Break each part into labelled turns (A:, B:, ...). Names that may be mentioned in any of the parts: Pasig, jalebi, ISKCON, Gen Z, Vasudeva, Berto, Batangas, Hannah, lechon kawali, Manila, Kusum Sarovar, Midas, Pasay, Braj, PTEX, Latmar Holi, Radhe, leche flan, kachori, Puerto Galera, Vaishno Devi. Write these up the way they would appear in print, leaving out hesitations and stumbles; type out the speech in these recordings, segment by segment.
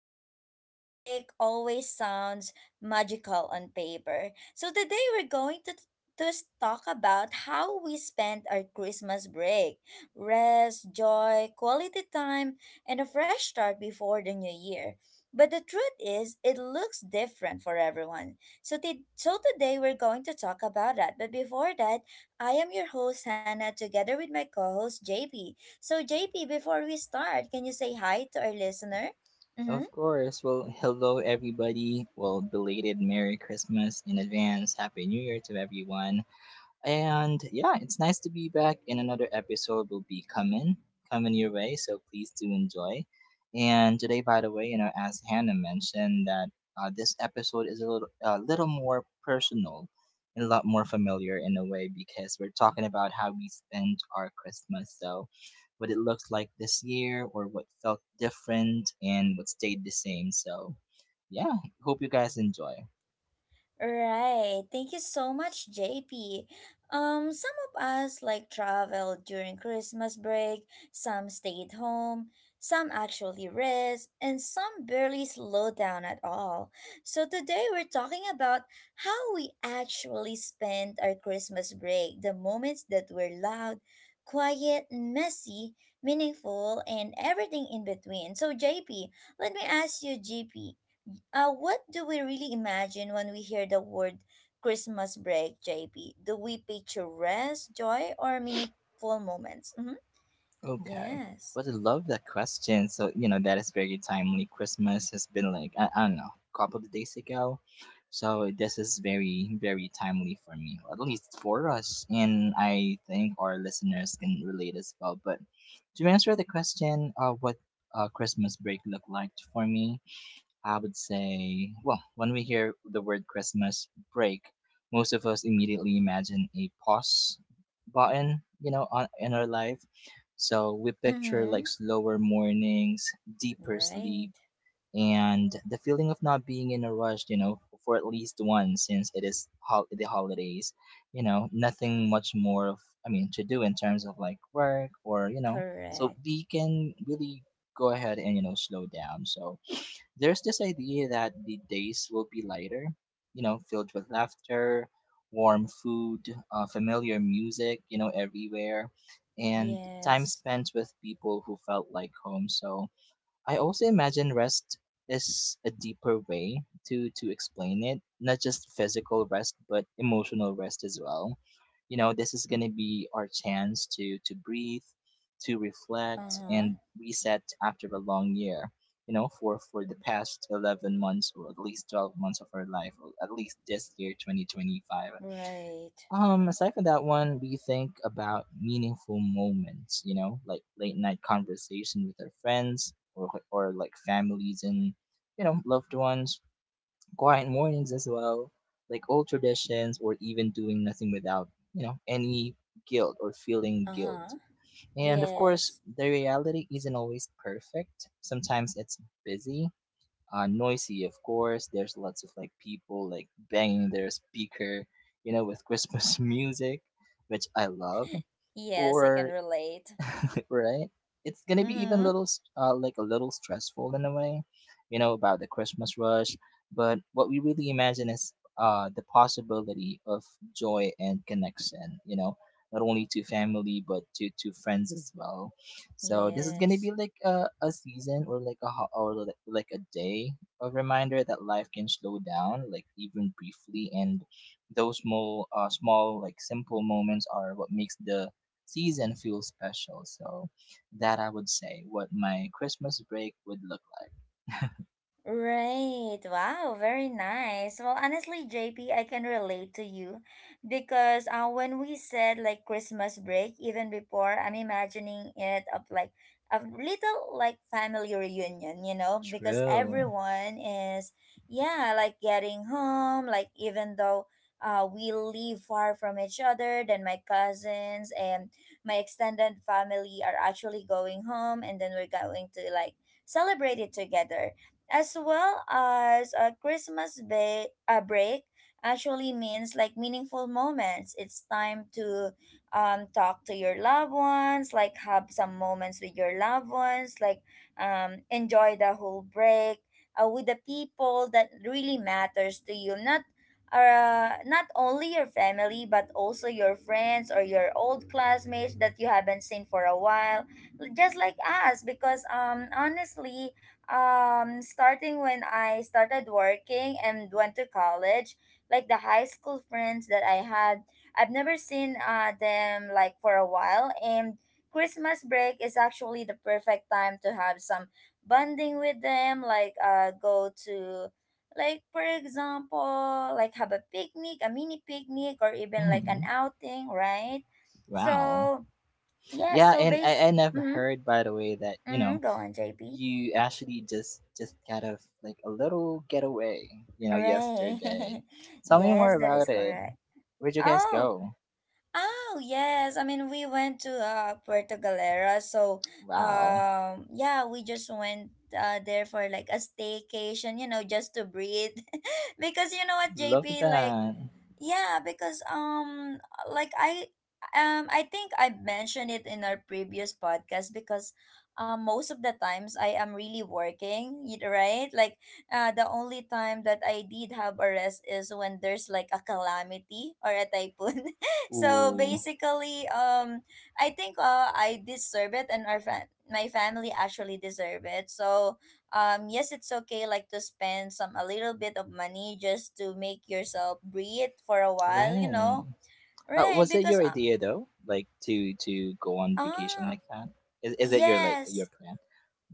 A: Christmas break always sounds magical on paper. So today we're going to talk about how we spent our Christmas break. Rest, joy, quality time, and a fresh start before the new year. But the truth is, it looks different for everyone. So, today we're going to talk about that. But before that, I am your host Hannah together with my co-host JP. So, JP, before we start, can you say hi to our listener? Mm-hmm.
B: Of course. Well, hello, everybody. Well, belated Merry Christmas in advance. Happy New Year to everyone. And yeah, it's nice to be back. And another episode will be coming your way. So please do enjoy. And today, by the way, you know, as Hannah mentioned, that this episode is a little more personal and a lot more familiar in a way because we're talking about how we spend our Christmas. So, what it looks like this year, or what felt different, and what stayed the same. So, yeah, hope you guys enjoy.
A: Right. Thank you so much, JP. Some of us like travel during Christmas break, some stayed home, some actually rest, and some barely slow down at all. So today we're talking about how we actually spend our Christmas break, the moments that were loud, quiet, messy, meaningful, and everything in between. So JP, let me ask you, JP, what do we really imagine when we hear the word Christmas break, JP? Do we picture rest, joy, or meaningful moments? Mm-hmm.
B: Okay.
A: Yes.
B: But I love that question. So, you know, that is very timely. Christmas has been like, I don't know, a couple of days ago. So this is very, very timely for me, at least for us. And I think our listeners can relate as well. But to answer the question, what Christmas break looked like for me, I would say, well, when we hear the word Christmas break, most of us immediately imagine a pause button, you know, in our life. So we picture
A: Mm-hmm.
B: like slower mornings, deeper
A: Right.
B: sleep, and the feeling of not being in a rush, you know, for at least one since it is the holidays, you know, nothing much more of, I mean, to do in terms of like work or, you know, so
A: Correct.
B: we can really go ahead and, you know, slow down. So, there's this idea that the days will be lighter, you know, filled with laughter, warm food, familiar music, you know, everywhere, and time
A: Yes.
B: spent with people who felt like home. So, I also imagine rest is a deeper way to explain it, not just physical rest, but emotional rest as well. You know, this is going to be our chance to breathe, to reflect
A: Uh-huh.
B: and reset after a long year. You know, for the past 11 months or at least 12 months of our life, or at least this year 2025.
A: Right.
B: Aside from that one, we think about meaningful moments, you know, like late night conversation with our friends or like families and you know, loved ones, quiet mornings as well, like old traditions or even doing nothing without, you know, any guilt or feeling guilt.
A: Uh-huh.
B: And of course,
A: Yes.
B: the reality isn't always perfect. Sometimes it's busy, noisy, of course. There's lots of like people like banging their speaker, you know, with Christmas music, which I love.
A: Yes, I can
B: Or
A: relate.
B: right? It's gonna be even
A: Mm-hmm.
B: little, like a little stressful in a way, you know, about the Christmas rush. But what we really imagine is the possibility of joy and connection, you know, not only to family but to friends as well. So this is gonna
A: Yes.
B: be like a season or like a ho- or like a day of reminder that life can slow down, like even briefly, and those small like simple moments are what makes the season feel special. So that I would say what my Christmas break would look like.
A: Right. Wow, very nice. Well, honestly, J P, I can relate to you because when we said like Christmas break, even before, I'm imagining it of like a little like family reunion, you know, because
B: True.
A: everyone is, yeah, like getting home, like even though we live far from each other, then my cousins and my extended family are actually going home, and then we're going to like celebrate it together as well, as a Christmas break actually means like meaningful moments. It's time to talk to your loved ones, like have some moments with your loved ones, like enjoy the whole break with the people that really matters to you. Not only your family but also your friends or your old classmates that you haven't seen for a while, just like us, because honestly, starting when I started working and went to college, like the high school friends that I had, I've never seen them like for a while, and Christmas break is actually the perfect time to have some bonding with them, like go to, like for example, like have a picnic, a mini picnic or even like an
B: Hmm.
A: outing, right?
B: Wow.
A: So yeah,
B: Yeah,
A: so
B: and I,
A: base
B: I never
A: Mm-hmm,
B: heard by the way that, you know,
A: mm-hmm, go on, JP.
B: you actually just kind of like a little getaway, you know,
A: Right.
B: yesterday. Tell me more
A: Yes, that is
B: about it.
A: correct.
B: Where'd you guys
A: Oh,
B: go?
A: Oh yes, I mean we went to Puerto Galera, so
B: Wow.
A: yeah, we just went there for like a staycation, you know, just to breathe. Because you know what,
B: Love
A: JP, like
B: that.
A: yeah, because like I I think I mentioned it in our previous podcast because most of the times I am really working, right? Like the only time that I did have a rest is when there's like a calamity or a typhoon. So
B: Ooh.
A: basically, I think, I deserve it, and our my family actually deserve it. So, yes, it's okay like to spend some a little bit of money just to make yourself breathe for a while, you
B: Right.
A: know, right?
B: Was it your idea though? Like to go on vacation
A: Ah,
B: like that? Is it your like your
A: yes,
B: plan?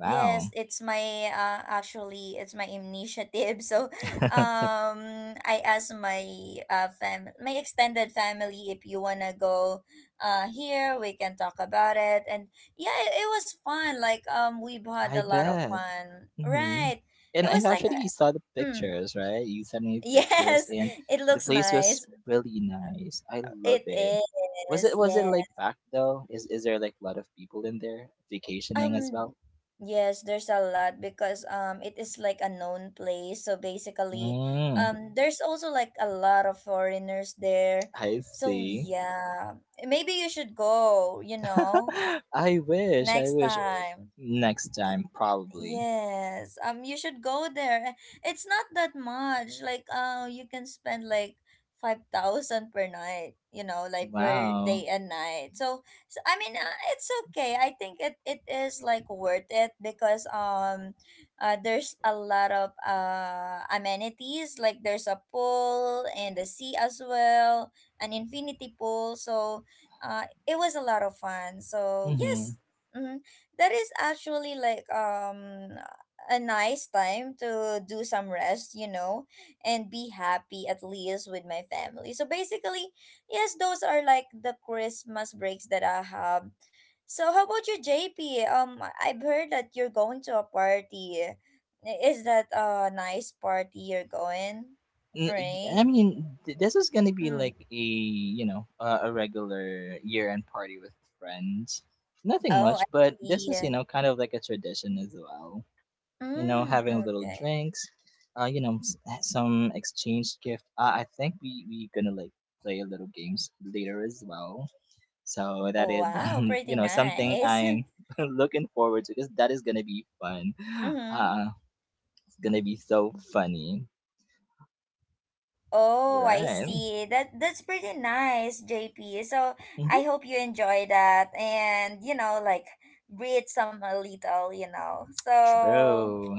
A: Yes, it's my actually it's my initiative. So, I asked my fam my extended family if you wanna go, here we can talk about it. And yeah, it was fun. Like we've had a
B: I
A: lot of
B: bet.
A: fun.
B: Hmm.
A: Right.
B: And
A: It
B: I
A: was like,
B: actually saw the
A: mm,
B: pictures, right? You sent me pictures,
A: yes,
B: and
A: it
B: the
A: looks
B: place was
A: nice.
B: really nice. I love
A: It
B: it. Was
A: is.
B: it was it
A: Yes.
B: like packed though? Is there like a lot of people in there vacationing as
A: Um,
B: well?
A: yes, there's a lot because it is like a known place. So basically,
B: Mm,
A: there's also like a lot of foreigners there.
B: I
A: So
B: see.
A: yeah, maybe you should go, you know,
B: I wish. I
A: next
B: wish
A: time.
B: next time probably.
A: Yes. Um, you should go there. It's not that much. Like you can spend like 5,000 per night, you know, like per day
B: Wow.
A: and night. So, so I mean, it's okay. I think it is like worth it because there's a lot of amenities like there's a pool and the sea as well, an infinity pool. So, it was a lot of fun. So,
B: Mm-hmm.
A: yes. Mhm. That is actually like a nice time to do some rest, you know, and be happy at least with my family. So basically, yes, those are like the Christmas breaks that I have. So how about you, JP? I've heard that you're going to a party. Is that a nice party you're going? Right?
B: I mean, this is gonna be
A: Mm.
B: like a you know a regular year-end party with friends. Nothing
A: Oh, I
B: much, but this is
A: see.
B: kind of like a tradition as well. You know,
A: Mm,
B: having little
A: okay.
B: drinks, some exchange gift. I think we gonna like play a little games later as well. So that
A: Oh,
B: is
A: wow, pretty
B: something
A: nice.
B: I'm looking forward to because that is gonna be fun.
A: Mm-hmm.
B: Uh, it's gonna be so funny,
A: Oh, I
B: right?
A: see. That that's pretty nice, JP. So I hope you enjoy that and, you know, like breathe some a little, you know. So
B: True.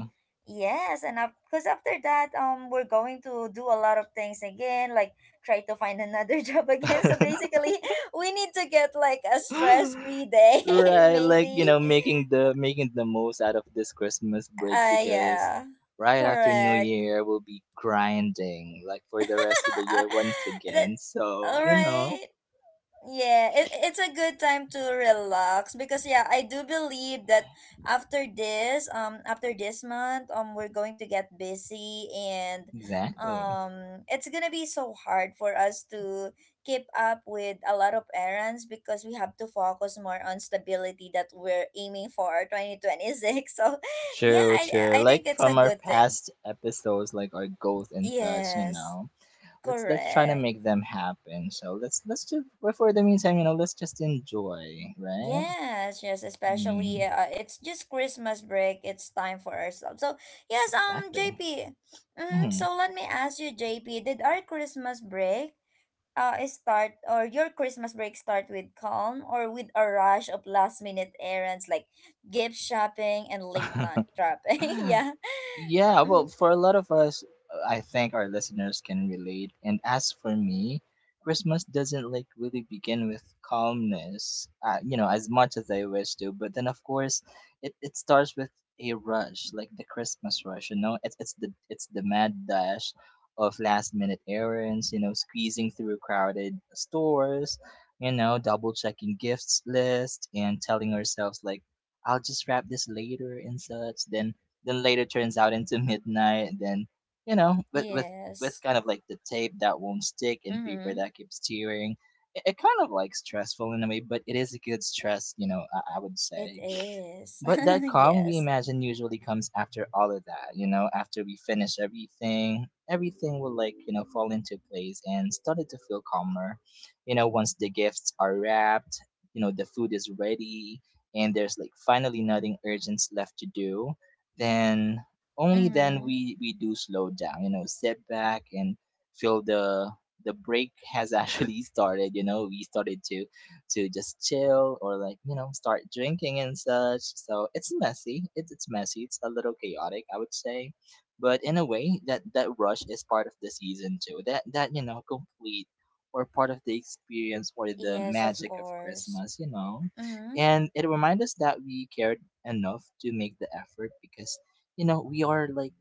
A: yes, and because after that, we're going to do a lot of things again, like try to find another job again. So basically, we need to get like a stress-free day,
B: Right, like
A: maybe.
B: making the most out of this Christmas break because
A: Yeah,
B: right after New
A: correct.
B: Year we'll be grinding like for the rest of the year once again.
A: That,
B: So,
A: all
B: you know,
A: right. Yeah, it's a good time to relax because yeah, I do believe that after this month, we're going to get busy, and
B: exactly.
A: it's gonna be so hard for us to keep up with a lot of errands because we have to focus more on stability that we're aiming for 2026. So yeah,
B: True,
A: I
B: true.
A: I think
B: Like
A: it's a
B: from our
A: good thing.
B: past episodes, like our goals and such, you
A: Yes,
B: know. Let's try to
A: correct.
B: make them happen. So let's just but for the meantime, you know, let's just enjoy, right?
A: Yes, yes, especially
B: Mm,
A: it's just Christmas break. It's time for ourselves. So yes,
B: exactly.
A: JP. Mm,
B: Mm-hmm.
A: so let me ask you, JP, did our Christmas break start or your Christmas break start with calm or with a rush of last minute errands like gift shopping and late night
B: 哈。
A: shopping? Yeah.
B: Yeah, well,
A: Mm-hmm.
B: for a lot of us, I think our listeners can relate. And as for me, Christmas doesn't like really begin with calmness, as much as I wish to. But then, of course, it starts with a rush, like the Christmas rush. You know, it's the mad dash of last minute errands. You know, squeezing through crowded stores. You know, double checking gifts list and telling ourselves like I'll just wrap this later and such. Then later turns out into midnight and then you know with
A: Yes.
B: kind of like the tape that won't stick and paper
A: Mm-hmm.
B: that keeps tearing it kind of like stressful in a way but it is a good stress you know I would
A: It
B: say
A: is.
B: but that calm we
A: Yes.
B: imagine usually comes after all of that, you know, after we finish everything, everything will like, you know, fall into place and started to feel calmer. You know, once the gifts are wrapped, you know, the food is ready and there's like finally nothing urgent left to do, then only then
A: Mm-hmm.
B: we do slow down, you know, sit back and feel the break has actually started, you know, we started to just chill or like you know start drinking and such so it's messy it's a little chaotic I would say but in a way that that rush is part of the season too that that you know complete or part of the experience or the
A: Yes, of
B: magic of
A: course.
B: Christmas you know
A: Mm-hmm.
B: and it reminds us that we cared enough to make the effort because you know we are like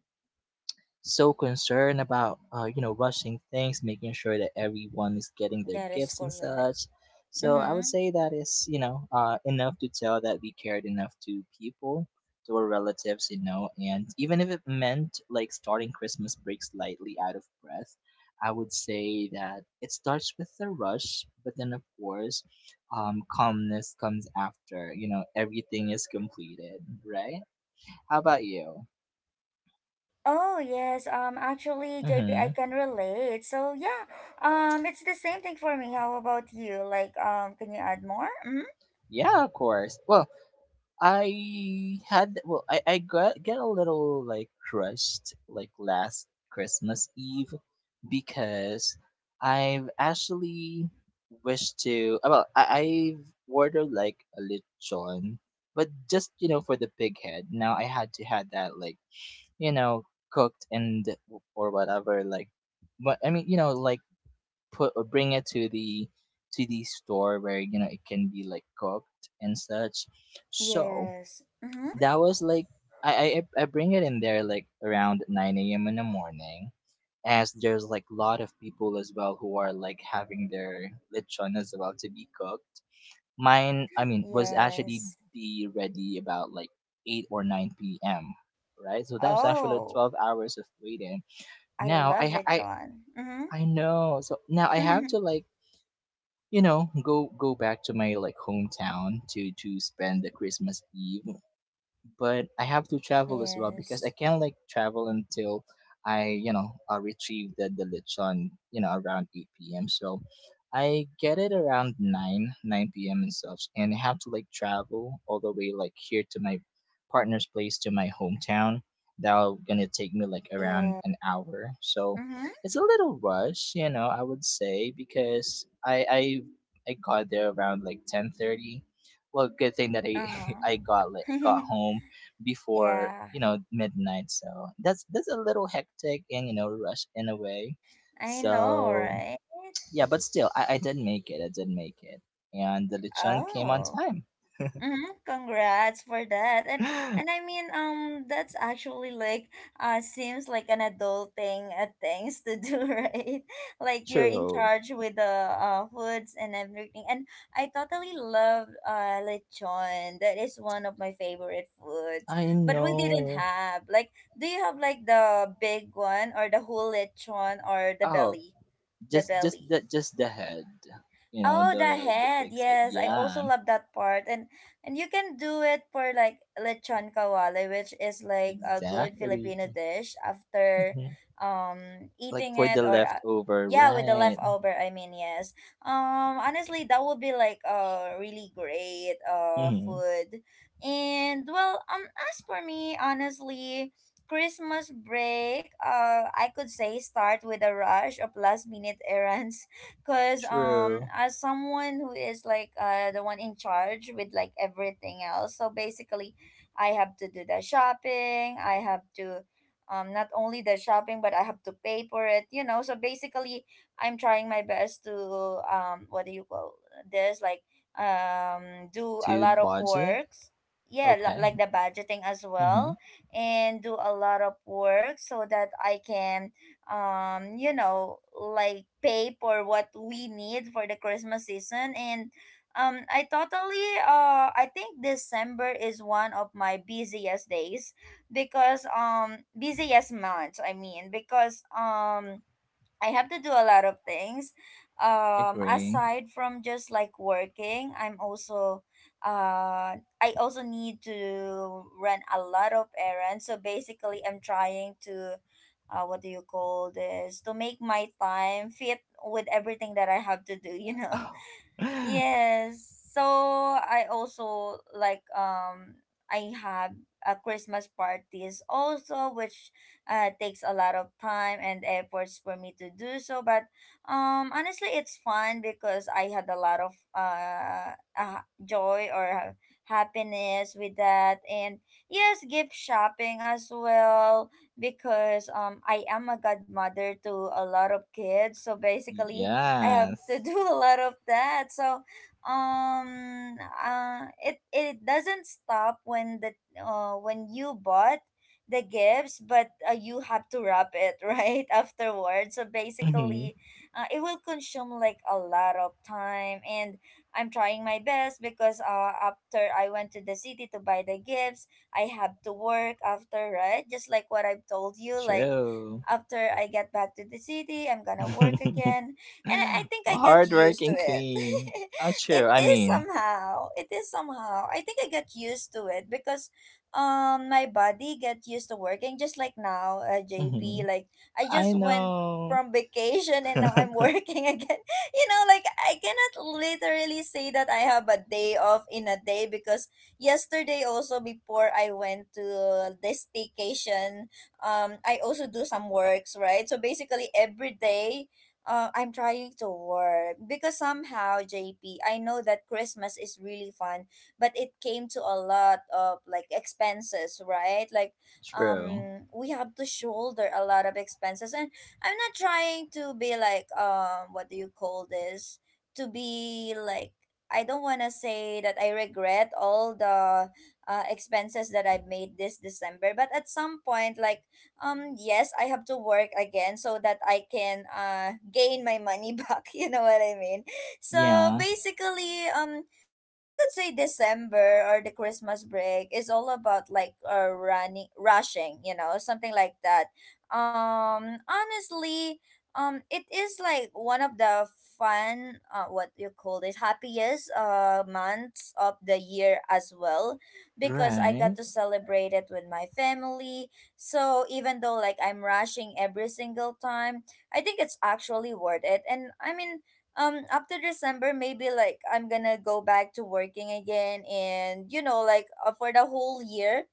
B: so concerned about rushing things making sure that everyone is getting their
A: That is
B: gifts and
A: correct.
B: such so I would
A: Mm-hmm.
B: say that is enough to tell that we cared enough to people to our relatives you know and even if it meant like starting Christmas break slightly out of breath I would say that it starts with the rush but then of course calmness comes after you know everything is completed right how about you.
A: Oh yes, actually JP, I
B: Mm-hmm.
A: can relate. So yeah, it's the same thing for me. How about you? Like um, can you add more? Mm-hmm.
B: Yeah, of course. Well, I had well, I got get a little like crushed like last Christmas Eve because I've actually wished to well, I've ordered like a lechon, but just you know for the pig head. Now I had to had that like you know cooked and or whatever like, but I mean you know like put or bring it to the store where you know it can be like cooked and such. So
A: Yes. Mm-hmm.
B: that was like I bring it in there like around nine a.m. in the morning, as there's like a lot of people as well who are like having their lechon as well to be cooked. Mine, I mean, was actually
A: Yes.
B: be ready about like eight or nine p.m. Right, so that's actually
A: Oh,
B: 12 hours of waiting.
A: I
B: Now I
A: love
B: ha-
A: it,
B: I
A: John.
B: I know. So now I have
A: Mm-hmm.
B: to like you know go back to my like hometown to spend the Christmas Eve but I have to travel as well because I
A: Yes.
B: can't like travel until I retrieve the lechon, you know, around 8 p.m. So I get it around 9 p.m. and such, and I have to like travel all the way like here to my partner's place to my hometown. That'll gonna take me like around
A: Yeah.
B: an hour. So
A: Mm-hmm.
B: it's a little rush, you know, I would say, because I got there around like 10:30. Well, good thing that I
A: Uh-huh.
B: I got home before
A: Yeah.
B: you know midnight. So that's a little hectic and you know rush in a way.
A: I know,
B: So
A: right?
B: yeah, but still, I did make it. I did make it, and the lechon came on
A: Oh.
B: time.
A: Mm-hmm. Congrats for that. And I mean, that's actually like seems like an adult thing things to do, right? Like you're in
B: True,
A: charge with the foods and everything. And I totally love lechon. That is one of my favorite foods.
B: I
A: But we didn't
B: know.
A: have like, do you have like the big one or the whole lechon or the
B: Oh,
A: belly? The
B: just just
A: belly.
B: the just the head. You know
A: Oh, the
B: the
A: head.
B: fig said,
A: Yes, I also
B: yeah,
A: love that part. And you can do it for like lechon kawali, which is like a good
B: exactly.
A: Filipino dish after
B: Mhm. Like
A: eating
B: for the
A: it or
B: leftover,
A: yeah, with the
B: right?
A: leftover, I mean, yes. Honestly, that would be like a really great
B: Hmm.
A: food. And well, um, as for me, honestly, Christmas break, I could say start with a rush of last minute errands because
B: True.
A: as someone who is like the one in charge with like everything else, so basically I have to do the shopping, I have to, not only the shopping but I have to pay for it, you know, so basically I'm trying my best to, what do you call this like do a
B: To
A: lot of
B: budget,
A: works. Yeah,
B: okay.
A: like the budgeting as
B: Hmm.
A: well, and do a lot of work so that I can, you know, like pay for what we need for the Christmas season. And I totally I think December is one of my busiest months I mean, because I have to do a lot of things.
B: Agree.
A: Aside from just like working, I'm also I also need to run a lot of errands. So basically, I'm trying to, what do you call this? To make my time fit with everything that I have to do, you know. Yes. So I also like I have a Christmas parties also which takes a lot of time and efforts for me to do so, but honestly it's fun because I had a lot of joy or happiness with that. And yes, gift shopping as well because I am a godmother to a lot of kids, so basically I have to
B: Yes.
A: do a lot of that. So, it doesn't stop when the when you bought the gifts, but you have to wrap it right afterwards. So
B: Hmm.
A: basically, it will consume like a lot of time, and I'm trying my best because after I went to the city to buy the gifts, I have to work after, right? Just like what I've told you, like
B: True.
A: after I get back to the city, I'm gonna work again. And I think
B: a
A: I got used to
B: hardworking
A: it.
B: queen. Oh, true.
A: It
B: I
A: is
B: mean,
A: somehow. It is somehow. I think I got used to it because my body got used to working just like now,
B: hmm
A: JP. Like I
B: I
A: just went
B: know.
A: from vacation and now I'm working again. You know, like I cannot literally say that I have a day off in a day because yesterday also before I went to this vacation, I also do some works, right? So basically every day I'm trying to work because somehow, JP, I know that Christmas is really fun, but it came to a lot of like expenses, right? Like,
B: True.
A: we have to shoulder a lot of expenses, and I'm not trying to be like, what do you call this? To be like, I don't want to say that I regret all the expenses that I've made this December, but at some point, like yes, I have to work again so that I can gain my money back, you know what I mean. So
B: Yeah.
A: basically, I could say December or the Christmas break is all about like running, rushing, you know, something like that. Honestly, it is like one of the fun, what you call it, happiest months of the year as well because I got
B: Right.
A: to celebrate it with my family. So even though like I'm rushing every single time, I think it's actually worth it. And I mean, after December, maybe like I'm gonna go back to working again, and you know, like for the whole year,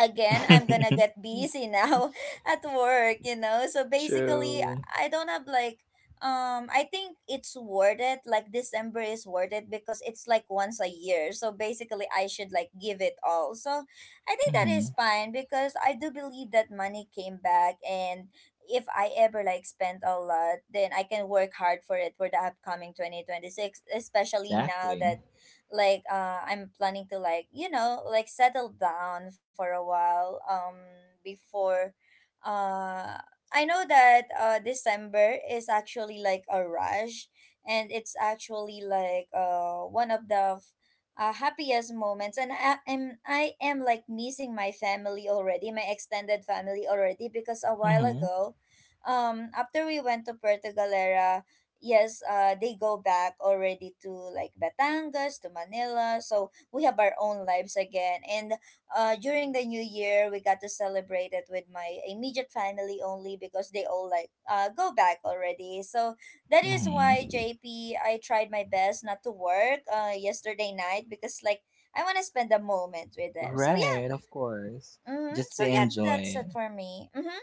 A: again I'm gonna get busy now at work, you know. So basically
B: True.
A: I don't have like I think it's worth it. Like December is worth it because it's like once a year, so basically I should like give it all. So I think that
B: Hmm
A: is fine because I do believe that money came back. And if I ever like spent a lot, then I can work hard for it for the upcoming 2026, especially now
B: Exactly.
A: that like I'm planning to, like, you know, like settle down for a while. Before uh I know that December is actually like a rush, and it's actually like one of the happiest moments. And I am like missing my family already, my extended family already, because a while
B: hmm
A: ago, after we went to Puerto Galera, yes, they go back already to like Batangas, to Manila. So we have our own lives again. And during the new year, we got to celebrate it with my immediate family only because they all like go back already. So that is why,
B: hmm
A: JP, I tried my best not to work yesterday night, because like I want to spend a moment with them. So yeah.
B: Right. Of course.
A: Mm-hmm.
B: Just
A: So
B: to
A: yeah,
B: enjoy
A: that's it
B: it.
A: for me. Mm-hmm.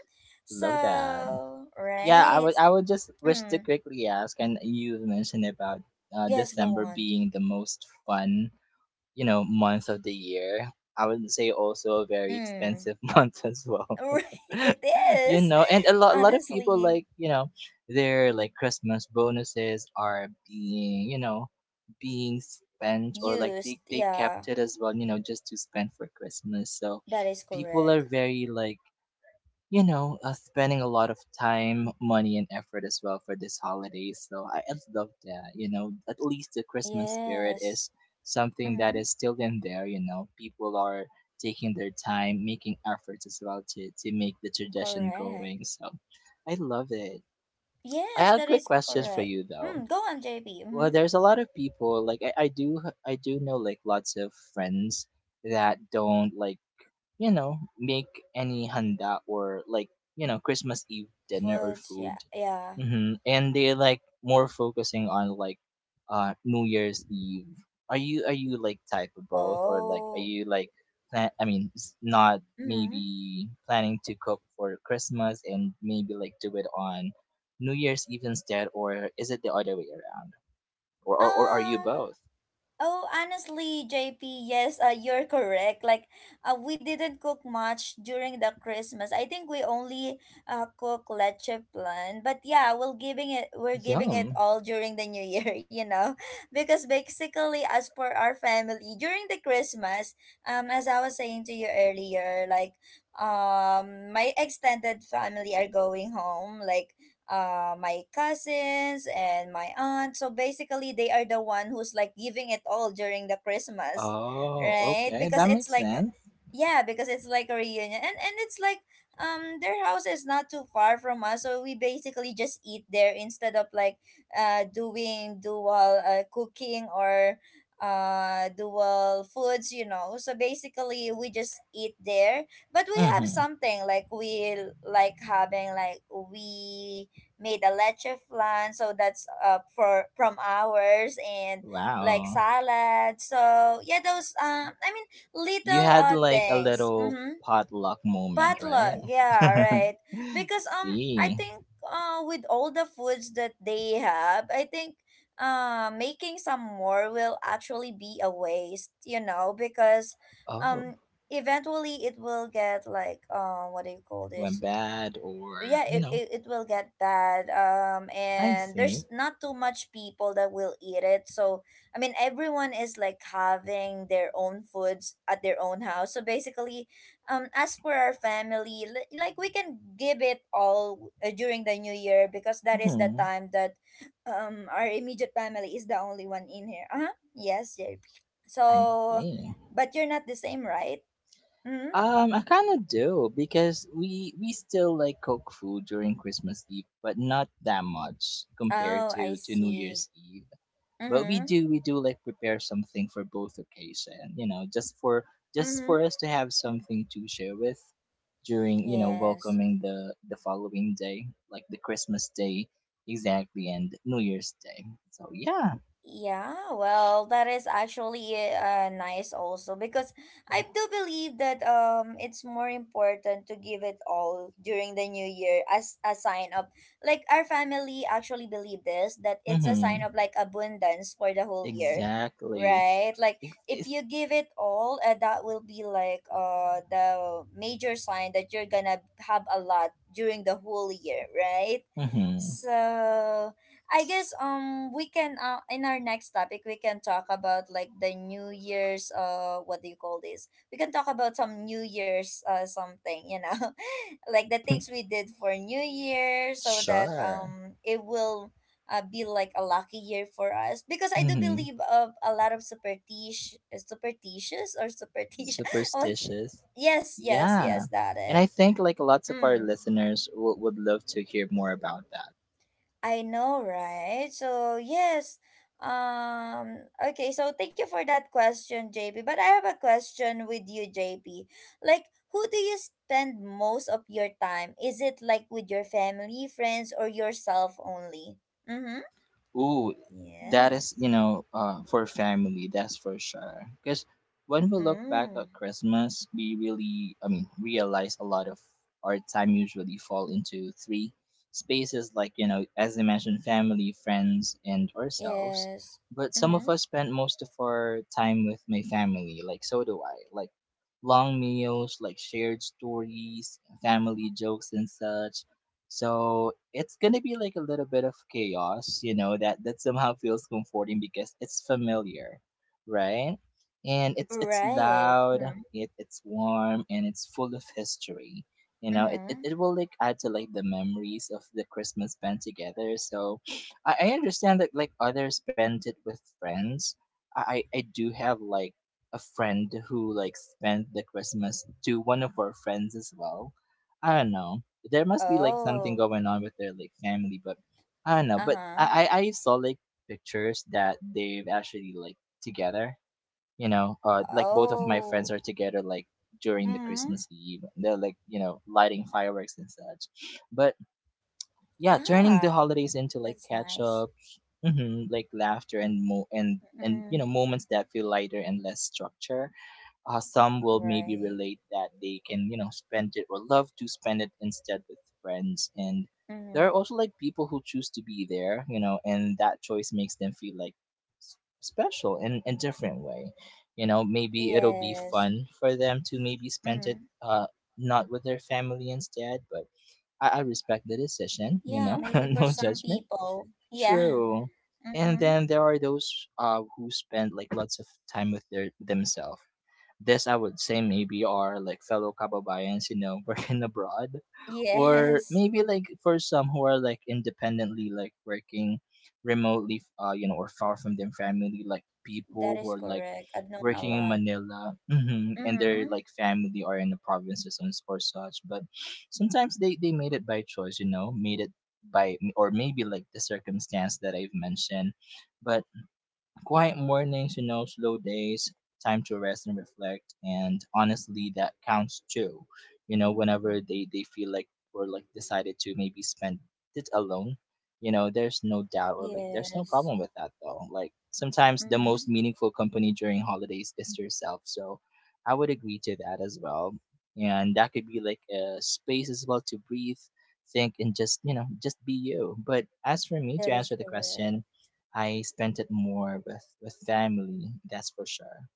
B: Love that.
A: So,
B: Yeah, I
A: right.
B: would I would just wish to
A: Mm.
B: quickly ask, and you mentioned about
A: Yes, go
B: December
A: on.
B: being the most fun, month of the year. I would say also a very
A: Mm,
B: expensive month as well.
A: right, it is
B: And a lot of people
A: honestly
B: their like Christmas bonuses are being, being spent or like they,
A: used.
B: they kept
A: Yeah,
B: it as well, just to spend for Christmas. So
A: that is
B: people are
A: correct.
B: very like spending a lot of time, money, and effort as well for this holiday. So I love that. You know, at least the Christmas spirit
A: Yes.
B: is something that
A: Mm-hmm.
B: is still in there. You know, people are taking their time, making efforts as well to make the tradition
A: Correct.
B: going. So I love it. I
A: Yes,
B: have a
A: that
B: quick
A: is
B: question for
A: correct.
B: you though.
A: Mm, go on, JB.
B: Well,
A: Mm-hmm.
B: there's a lot of people like I do know like lots of friends that don't like make any handa or like, you know, Christmas Eve dinner or
A: Foods.
B: food.
A: Yeah. Yeah.
B: Hmm And they're like more focusing on like New Year's Eve. Are you like type of both or like are
A: Oh.
B: you like plan I mean s- not
A: Mm-hmm.
B: maybe planning to cook for Christmas and maybe like do it on New Year's Eve instead or is it the other way around? Or are you
A: Um.
B: both?
A: Oh, honestly, JP, yes, you're correct. Like, we didn't cook much during the Christmas. I think we only cook leche plan. But yeah, we're giving it
B: Yum.
A: all during the New Year, you know, because basically, as per our family, during the Christmas, as I was saying to you earlier, like, my extended family are going home, like my cousins and my aunt. So basically, they are the one who's like giving it all during the Christmas,
B: Oh,
A: right?
B: okay.
A: Because
B: That
A: it's
B: makes
A: like,
B: sense.
A: yeah, because it's like a reunion, and it's like their house is not too far from us, so we basically just eat there instead of like doing dual cooking or dual foods, you know. So basically we just eat there, but we have
B: Mm-hmm.
A: something like we like having, like we made a leche flan, so that's for from ours, and like
B: Wow.
A: salad. So yeah, those I mean
B: You
A: little
B: had like a
A: things.
B: little
A: Mm-hmm.
B: potluck moment,
A: Potluck,
B: right?
A: yeah, right. Because I
B: see.
A: think with all the foods that they have, I think making some more will actually be a waste, you know, because
B: Oh,
A: um eventually it will get like what do you call
B: went
A: this,
B: bad or,
A: yeah,
B: you
A: it,
B: know,
A: it, it will get bad.
B: I
A: And
B: see.
A: there's not too much people that will eat it, so I mean everyone is like having their own foods at their own house. So basically as for our family, like we can give it all during the new year because that is the
B: Hmm,
A: time that our immediate family is the only one in here. Uh-huh, yes, JP.
B: I
A: So
B: see.
A: but you're not the same, right? Mm-hmm.
B: I kind of do because we still like cook food during Christmas Eve, but not that much compared
A: Oh, I
B: to New
A: see.
B: Year's Eve. But we
A: Mm-hmm.
B: do we do like prepare something for both occasion, you know, just
A: Mm-hmm.
B: for us to have something to share with during, you know,
A: Yes.
B: welcoming the following day, like the Christmas day, exactly, and New Year's Day. So yeah.
A: Yeah, well, that is actually nice also because I do believe that it's more important to give it all during the new year as a sign of like our family actually believe this, that it's a sign
B: Mm-hmm.
A: of like abundance for the whole year.
B: Exactly.
A: Right? Like
B: it's,
A: if you
B: it's
A: give it all, that will be like the major sign that you're gonna have a lot during the whole year, right?
B: mm-hmm.
A: So I guess we can in our next topic we can talk about like the New Year's what do you call this? We can talk about some New Year's something, you know, like the things we did for New Year, so that
B: Sure.
A: it will be like a lucky year for us because I do
B: Mm-hmm.
A: believe of a lot of superstition superstitious or superstition. Oh,
B: Superstitious.
A: yes yes
B: Yeah,
A: yes that
B: and I
A: is.
B: think like lots of our
A: Mm.
B: listeners would love to hear more about that.
A: I know, right? So yes. Okay, so thank you for that question, JP. But I have a question with you, JP. Like who do you spend most of your time? Is it like with your family, friends, or yourself only? Mm-hmm.
B: Ooh, that is,
A: Yes.
B: you know, for family, that's for sure. Because when we look back at
A: Mm.
B: Christmas, we really, I mean, realize a lot of our time usually fall into three spaces, like, you know, as I mentioned, family, friends, and ourselves.
A: Yes.
B: But some of
A: Mm-hmm.
B: us spend most of our time with my family, like, so do I. Like, long meals, like, shared stories, family jokes, and such, so it's gonna be like a little bit of chaos, you know, that that somehow feels comforting because it's familiar, right? And it's
A: Right.
B: loud,
A: Mm-hmm.
B: it's warm, and it's full of history. You know,
A: Mm-hmm.
B: it will like add to like the memories of the Christmas spent together. So I understand that like others spend it with friends. I do have like a friend who like spent the Christmas to one of our friends as well. I don't know, there must be like something
A: Oh.
B: going on with their like family, but I don't know. But
A: Uh-huh.
B: I saw like pictures that they've actually like together. You know, like both of my friends
A: Oh.
B: are together like during the
A: Mm-hmm.
B: Christmas Eve. They're like you know lighting fireworks and such. But yeah, turning the
A: Ah,
B: holidays into like
A: that's
B: catch
A: nice.
B: ups, hmm like laughter and mo and you know
A: Mm-hmm.
B: moments that feel lighter and less structure. Some will maybe
A: Right.
B: relate that they can you know spend it or love to spend it instead with friends, and there
A: Mm-hmm.
B: are also like people who choose to be there, you know, and that choice makes them feel like s- special in a different way. You know, maybe it'll be
A: Yes.
B: fun for them to maybe spend it
A: Mm-hmm.
B: not with their family instead. But I respect the decision, you
A: Yeah,
B: know.
A: maybe for
B: No
A: some
B: judgment.
A: people. Yeah.
B: True. And
A: Mm-hmm.
B: then there are those who spend like lots of time with their themselves. This I would say maybe are like fellow kababayans, you know, working abroad, or
A: Yes.
B: maybe like for some who are like independently like working remotely, you know, or far from their family, like
A: That
B: people who
A: is
B: are like
A: correct. I've known a
B: working in
A: lot.
B: Manila, mhm, and their
A: Mm-hmm.
B: like family are in the provinces and s- or such. But sometimes they made it by choice, you know, made it by or maybe like the circumstance that I've mentioned, but quiet mornings, you know, slow days, time to rest and reflect, and honestly, that counts too. You know, whenever they feel like or like decided to maybe spend it alone, you know, there's no doubt or like there's no
A: Yes.
B: problem with that though. Like sometimes the most
A: Mm-hmm.
B: meaningful company during holidays is yourself, so I would agree to that as well. And that could be like a space as well to breathe, think, and just you know just be you. But as for me to
A: That is
B: answer the
A: correct.
B: question, I spent it more with family. That's for sure.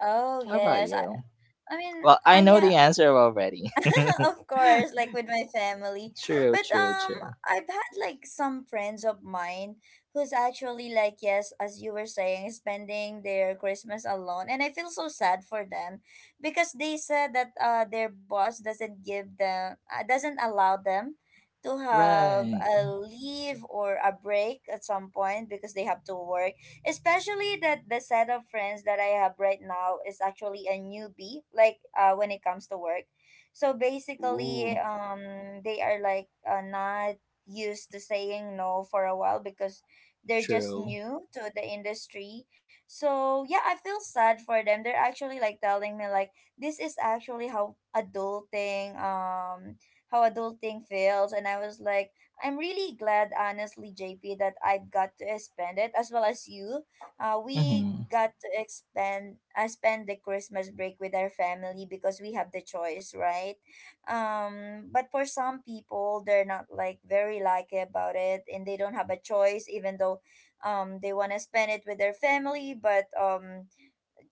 A: Oh,
B: How about
A: yes.
B: you?
A: I mean,
B: Well, I
A: I
B: know
A: yeah,
B: the answer already.
A: of course, like with my family.
B: True,
A: But
B: true, true.
A: I've had like some friends of mine who's actually like yes, as you were saying, spending their Christmas alone, and I feel so sad for them because they said that their boss doesn't give them doesn't allow them to have
B: Right.
A: a leave or a break at some point because they have to work, especially that the set of friends that I have right now is actually a newbie, like when it comes to work. So
B: Ooh,
A: basically, they are like not used to saying no for a while because they're just
B: true.
A: new to the industry. So yeah, I feel sad for them. They're actually like telling me like this is actually how adulting feels, and I was like I'm really glad honestly, JP, that I've got to spend it as well as you. We
B: Mhm.
A: got to expend spend the Christmas break with our family because we have the choice, right? But for some people, they're not like very lucky about it, and they don't have a choice, even though they want to spend it with their family, but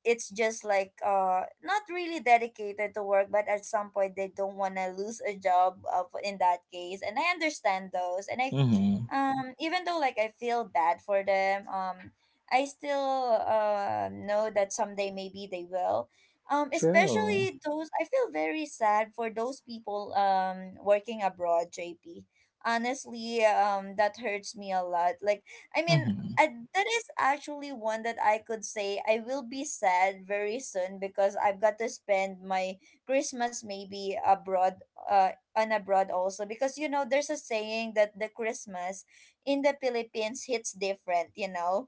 A: it's just like not really dedicated to work, but at some point they don't want to lose a job of in that case. And I understand those, and I
B: Mhm.
A: even though like I feel bad for them, I still know that someday maybe they will.
B: True.
A: Especially those, I feel very sad for those people working abroad, JP, honestly. That hurts me a lot, like I mean,
B: Mhm.
A: and that is actually one that I could say I will be sad very soon because I've got to spend my Christmas maybe abroad, on abroad also. Because you know, there's a saying that the Christmas in the Philippines hits different, you know.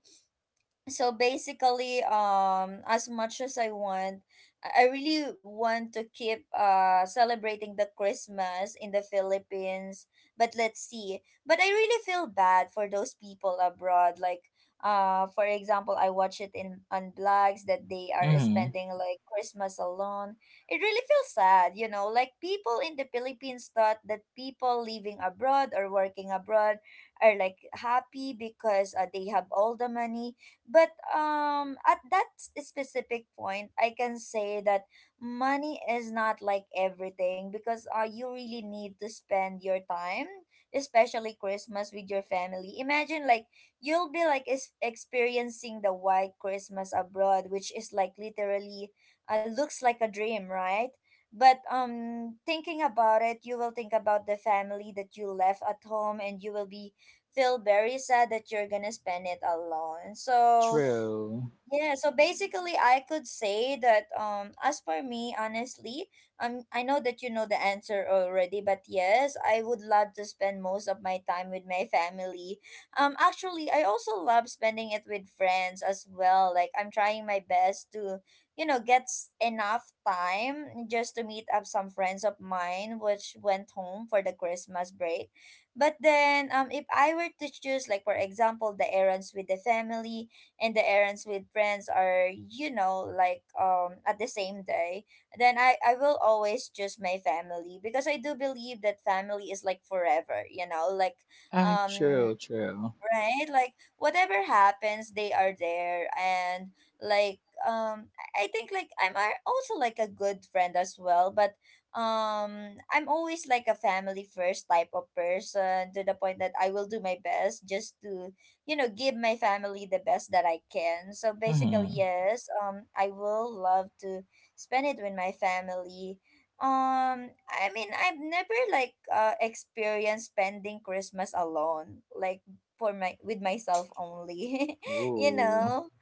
A: So basically as much as I want, I really want to keep celebrating the Christmas in the Philippines, but let's see. But I really feel bad for those people abroad, like for example, I watch it in on blogs that they are
B: Mhm.
A: spending like Christmas alone. It really feels sad, you know, like people in the Philippines thought that people living abroad or working abroad are like happy because they have all the money. But at that specific point, I can say that money is not like everything because you really need to spend your time, especially Christmas with your family. Imagine like you'll be like is experiencing the white Christmas abroad, which is like literally looks like a dream, right? But thinking about it, you will think about the family that you left at home and you will be feel very sad that you're gonna spend it alone. So,
B: True.
A: yeah, so basically I could say that as for me honestly, I know that you know the answer already, but yes, I would love to spend most of my time with my family. Actually, I also love spending it with friends as well. Like I'm trying my best to, you know, enough time just to meet up some friends of mine which went home for the Christmas break. But then if I were to choose, like, for example, the errands with the family, and the errands with friends are, you know, like at the same day, then I will always choose my family, because I do believe that family is like forever, you know, like
B: I
A: um
B: true, true.
A: right? Like whatever happens, they are there, and like I think like I'm also like a good friend as well, but I'm always like a family first type of person, to the point that I will do my best just to, you know, give my family the best that I can. So basically,
B: Mhm.
A: yes, I will love to spend it with my family. I mean, I've never like experienced spending Christmas alone. Like for my with myself only you
B: Ooh,
A: know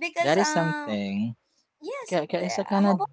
A: because
B: that is something.
A: yes the,
B: It's a kind
A: how
B: of
A: about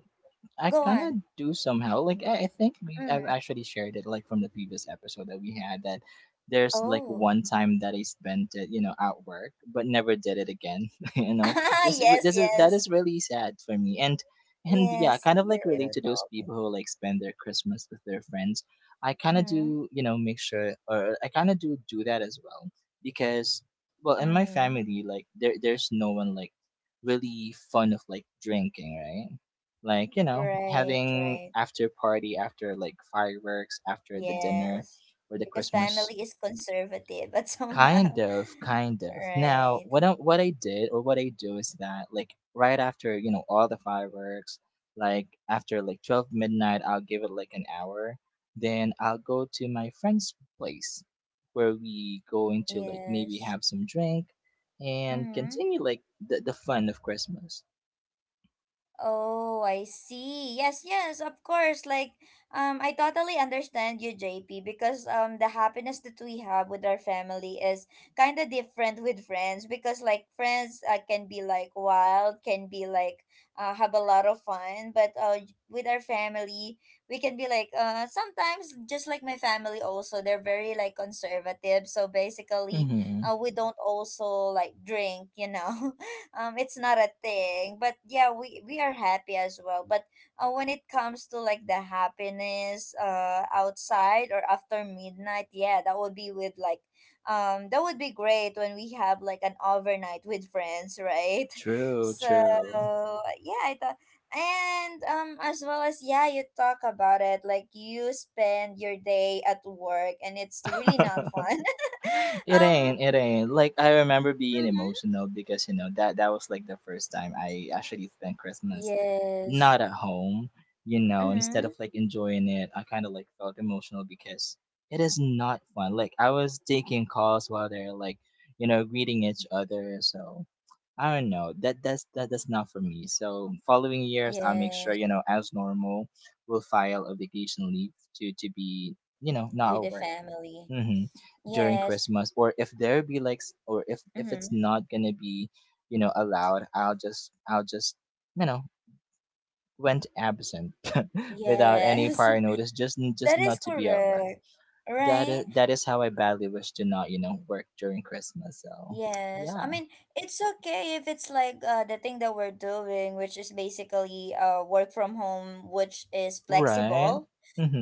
B: I
A: go
B: kind
A: on
B: of do somehow. Like I think we I've
A: mm.
B: actually shared it like from the previous episode that we had that there's like
A: Oh
B: one time that I spent it, you know, at work, but never did it again. You know,
A: ah yes,
B: this is that
A: yes,
B: is really sad for me, and yeah,
A: yes,
B: kind of
A: you
B: like relate
A: you
B: to those
A: told me.
B: people who like spend their Christmas with their friends. I kind of
A: Mm.
B: do, you know, make sure, or I kind of do do that as well because, well, in my
A: Mm-hmm.
B: family, like there's no one like really fond of like drinking, right? Like you know
A: Right,
B: having
A: right,
B: after party after like fireworks after the dinner
A: yes,
B: or the
A: because
B: Christmas.
A: family is conservative but
B: Kind
A: somehow
B: of, kind of. Now
A: right,
B: what what I did or what I do is that like right after you know all the fireworks like after like 12 midnight I'll give it like an hour, then I'll go to my friend's place where we go into like maybe
A: yes.
B: have some drink and
A: Mm-hmm.
B: continue like the fun of Christmas.
A: Oh, I see. Yes, yes, of course. Like, I totally understand you, JP, because, the happiness that we have with our family is kind of different with friends, because like friends can be like wild, can be like have a lot of fun, but with our family, we can be like sometimes just like my family also, they're very like conservative. So basically,
B: Mm-hmm.
A: we don't also like drink, you know, it's not a thing, but yeah, we are happy as well, but when it comes to like the happiness outside or after midnight, yeah, that would be with like that would be great when we have like an overnight with friends, right?
B: True,
A: So
B: true.
A: yeah, I thought. And as well as, yeah, you talk about it like you spend your day at work and it's really not fun.
B: it
A: um
B: ain't it ain't like I remember being
A: mhm.
B: emotional because you know that that was like the first time I actually spent Christmas
A: Yes.
B: not at home, you know, instead
A: Mm-hmm.
B: of like enjoying it I kind of like felt emotional because it is not fun, like I was taking calls while they're like you know greeting each other. So I don't know that that's not for me. So following years I'll make sure
A: Yes,
B: you know as normal we'll file a vacation leave to be you know not
A: with
B: at
A: the
B: work
A: family.
B: mm-hmm during
A: Yes.
B: Christmas, or if there be like, s- or if it's
A: Mm-hmm.
B: not gonna be, you know, allowed, I'll just you know went absent without any
A: Yes.
B: prior notice, just
A: That
B: not
A: is
B: to be at work.
A: correct. Right?
B: That is how I badly wish to not you know work during Christmas. So
A: Yes.
B: yeah,
A: I mean, it's okay if it's like the thing that we're doing, which is basically work from home, which is
B: right.
A: flexible,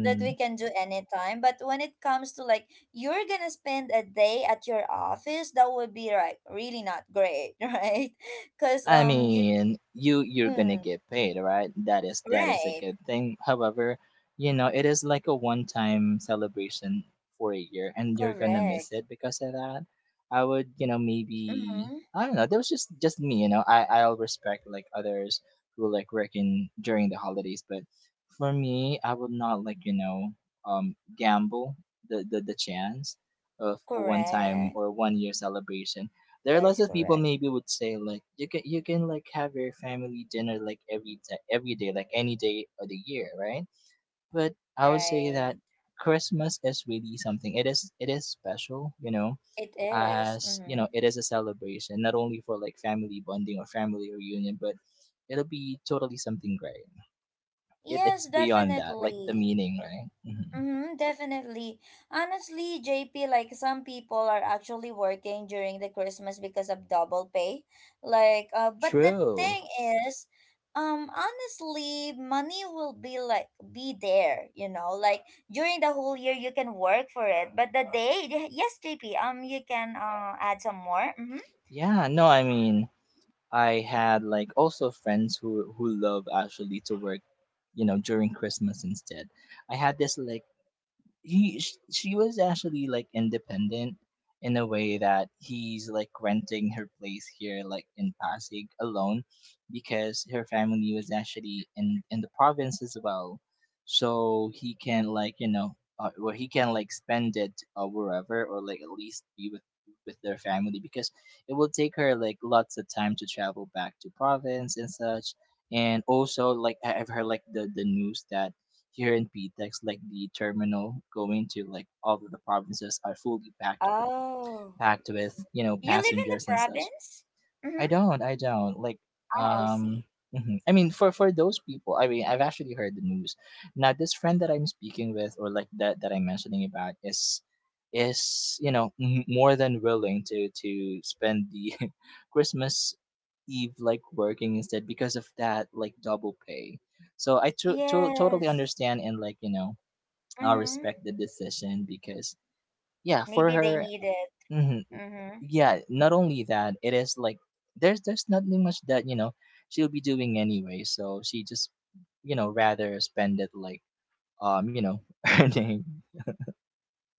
A: that we can do anytime. But when it comes to like, you're gonna spend a day at your office, that would be like really not great, right? Because,
B: I
A: you,
B: mean, you're gonna
A: mm,
B: get paid, right? That is a
A: right.
B: good thing. However, you know, it is like a one-time celebration for a year, and you're gonna
A: Correct.
B: miss it because of that. I would, you know, maybe
A: Mm-hmm.
B: I don't know. That was just me, you know. I I'll respect like others who like working during the holidays, but for me, I would not like you know gamble the chance of a one-time
A: Correct.
B: or one-year celebration. There are
A: That
B: lots
A: is
B: of people
A: correct.
B: maybe would say like you can like have your family dinner like every day like any day of the year, right? But I would say that
A: Right.
B: Christmas is really something. It is it is special, you know,
A: It is.
B: as you
A: Mm-hmm.
B: know it is a celebration not only for like family bonding or family reunion, but it'll be totally something great. It's
A: Yes,
B: beyond that, like the
A: definitely.
B: meaning, right? Hmm.
A: Mm-hmm, definitely. Honestly, JP, like some people are actually working during the Christmas because of double pay. Like, but the
B: True.
A: thing is, honestly, money will be like be there, you know, like during the whole year you can work for it, but the day, yes, JP, you can add some more. Mm-hmm.
B: Yeah, no I mean, I had like also friends who love actually to work, you know, during Christmas instead. I had this like she was actually like independent in a way that he's like renting her place here like in Pasig alone because her family was actually in the province as well so he can like well he can like spend it wherever or like at least be with their family because it will take her like lots of time to travel back to province and such. And also like I've heard like the news that here in PTEX, like the terminal going to like all of the provinces are fully packed,
A: Oh.
B: packed with you know
A: You live in the
B: passengers and such.
A: province?
B: I
A: Mm-hmm.
B: don't,
A: Oh, I
B: um.
A: see.
B: Mhm. I mean, for those people, I mean, I've actually heard the news. Now, this friend that I'm speaking with, or like that I'm mentioning about, is you know more than willing to spend the Christmas Eve like working instead because of that like double pay. So I totally
A: Yes.
B: understand and like you know I
A: Mm-hmm.
B: respect the decision because yeah, for
A: Maybe they
B: her,
A: need it.
B: hmm
A: Mm-hmm.
B: yeah. Not only that, it is like there's nothing much that you know she'll be doing anyway. So she just you know rather spend it like you know earning.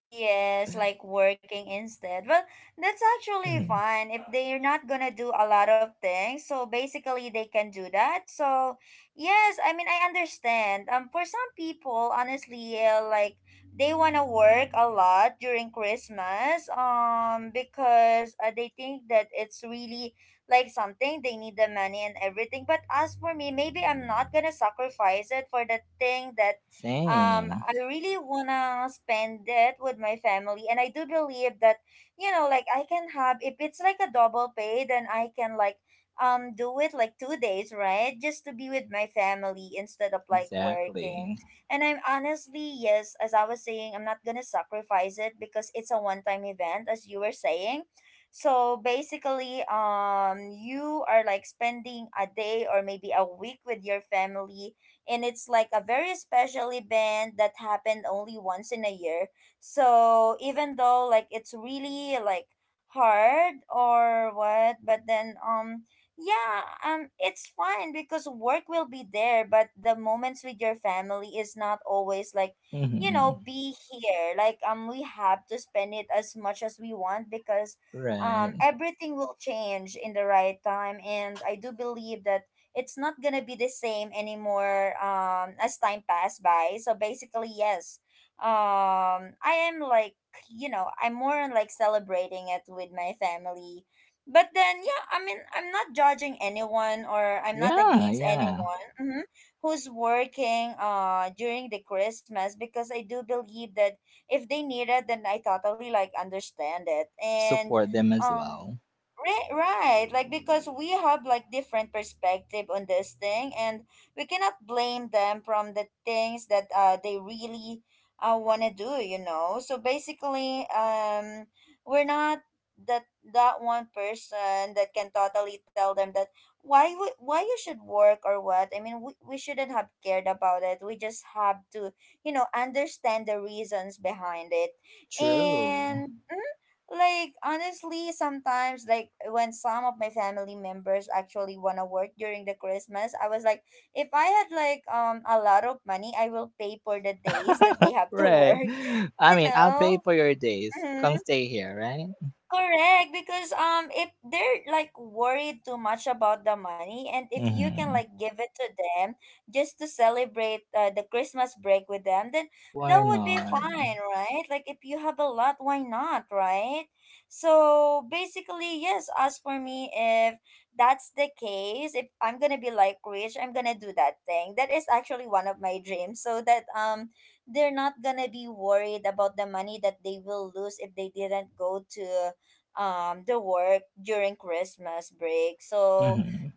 A: Yes, like working instead. Well, that's actually
B: Mhm.
A: fine if they're not gonna do a lot of things. So basically, they can do that. So yes, I mean, I understand. For some people, honestly, like they wanna work a lot during Christmas. Because they think that it's really like something, they need the money and everything. But as for me, maybe I'm not gonna sacrifice it for the thing that
B: Same,
A: I really wanna spend it with my family, and I do believe that, you know, like I can have, if it's like a double pay, then I can like do it like two days, right, just to be with my family instead of like working.
B: exactly.
A: And I'm honestly, yes, as I was saying, I'm not gonna sacrifice it because it's a one-time event, as you were saying. So basically, you are like spending a day or maybe a week with your family, and it's like a very special event that happened only once in a year. So even though like it's really like hard or what, but then yeah, it's fine because work will be there, but the moments with your family is not always like, you know,
B: Hmm.
A: be here, like we have to spend it as much as we want, because
B: Right.
A: everything will change in the right time, and I do believe that it's not gonna be the same anymore, as time passed by. So basically, yes, I am like, you know, I'm more on like celebrating it with my family. But then, yeah, I mean, I'm not judging anyone, or I'm not
B: Yeah,
A: against
B: yeah.
A: anyone, mhm, who's working during the Christmas, because I do believe that if they need it, then I totally like understand it, and
B: Support them as
A: um
B: well.
A: right, right. Like because we have like different perspective on this thing, and we cannot blame them from the things that they really wanna do. You know. So basically, we're not that that one person that can totally tell them that why would why you should work or what. I mean, we shouldn't have cared about it. We just have to, you know, understand the reasons behind it,
B: True.
A: and. Mm, like honestly sometimes like when some of my family members actually want to work during the Christmas, I was like, if I had like a lot of money, I will pay for the days that they have to
B: Right.
A: work.
B: I
A: You
B: mean, I'll pay
A: know.
B: for your days. Come
A: Mhm.
B: stay here, right?
A: Correct, because if they're like worried too much about the money, and if you can
B: Hmm.
A: like give it to them just to celebrate the Christmas break with them, then
B: Why
A: that would be
B: not?
A: fine, right? Like if you have a lot, why not, right? So basically, yes, as for me, if that's the case, if I'm gonna be like rich, I'm gonna do that thing. That is actually one of my dreams. So that they're not gonna be worried about the money that they will lose if they didn't go to the work during Christmas break. So
B: Mm-hmm.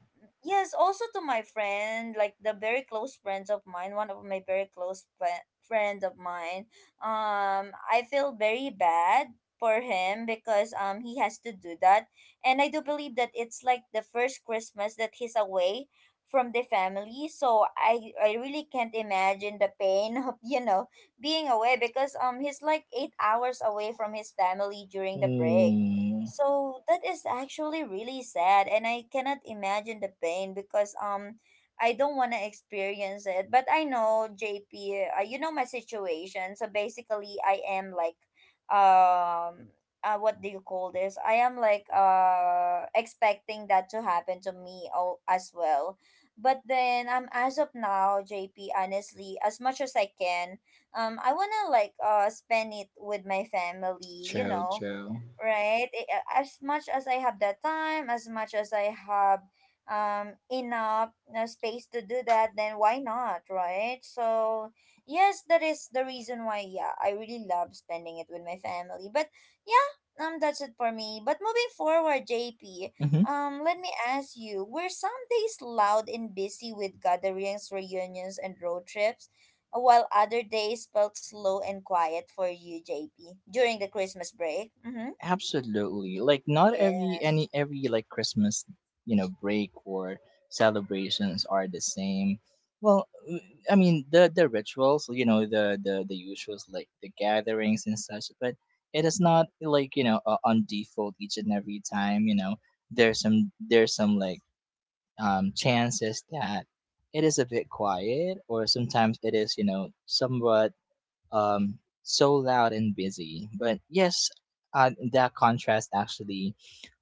A: yes, also to my friend, like the very close friends of mine, one of my very close friend of mine. I feel very bad for him because he has to do that, and I do believe that it's like the first Christmas that he's away from the family, so I really can't imagine the pain of you know being away, because he's like 8 hours away from his family during the break.
B: Mm.
A: So that is actually really sad, and I cannot imagine the pain, because I don't want to experience it. But I know JP, you know my situation. So basically, I am like um what do you call this? I am like expecting that to happen to me all, as well. But then as of now, JP, honestly, as much as I can, I want to like spend it with my family, you
B: True,
A: know,
B: true.
A: right? As much as I have that time, as much as I have enough space to do that, then why not, right? So yes, that is the reason why. Yeah, I really love spending it with my family. But yeah, that's it for me. But moving forward, JP,
B: Mm-hmm.
A: let me ask you: were some days loud and busy with gatherings, reunions, and road trips? While other days felt slow and quiet for you, JP, during the Christmas break. Mm-hmm.
B: Absolutely. Like not every
A: Yes.
B: any every like Christmas, you know, break or celebrations are the same. Well, I mean the rituals, you know, the usuals like the gatherings and such, but it is not like you know on default each and every time. You know, there's some like chances that it is a bit quiet or sometimes it is you know somewhat so loud and busy, but yes, that contrast actually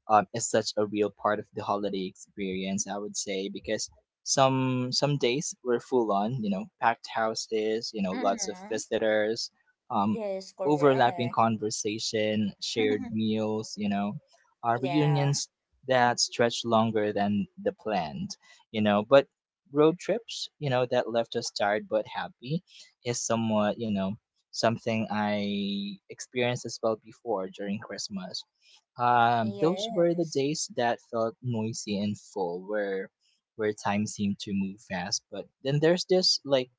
B: is such a real part of the holiday experience. I would say because some days were full on, you know, packed houses, you know, lots of
A: Mm-hmm.
B: visitors, um,
A: Yes,
B: overlapping
A: correct.
B: conversation, shared meals, you know,
A: Yeah.
B: reunions that stretched longer than the planned, you know, but road trips, you know, that left us tired but happy is somewhat, you know, something I experienced as well before during Christmas. Those were the
A: Yes.
B: days that felt noisy and full, where time seemed to move fast. But then there's this like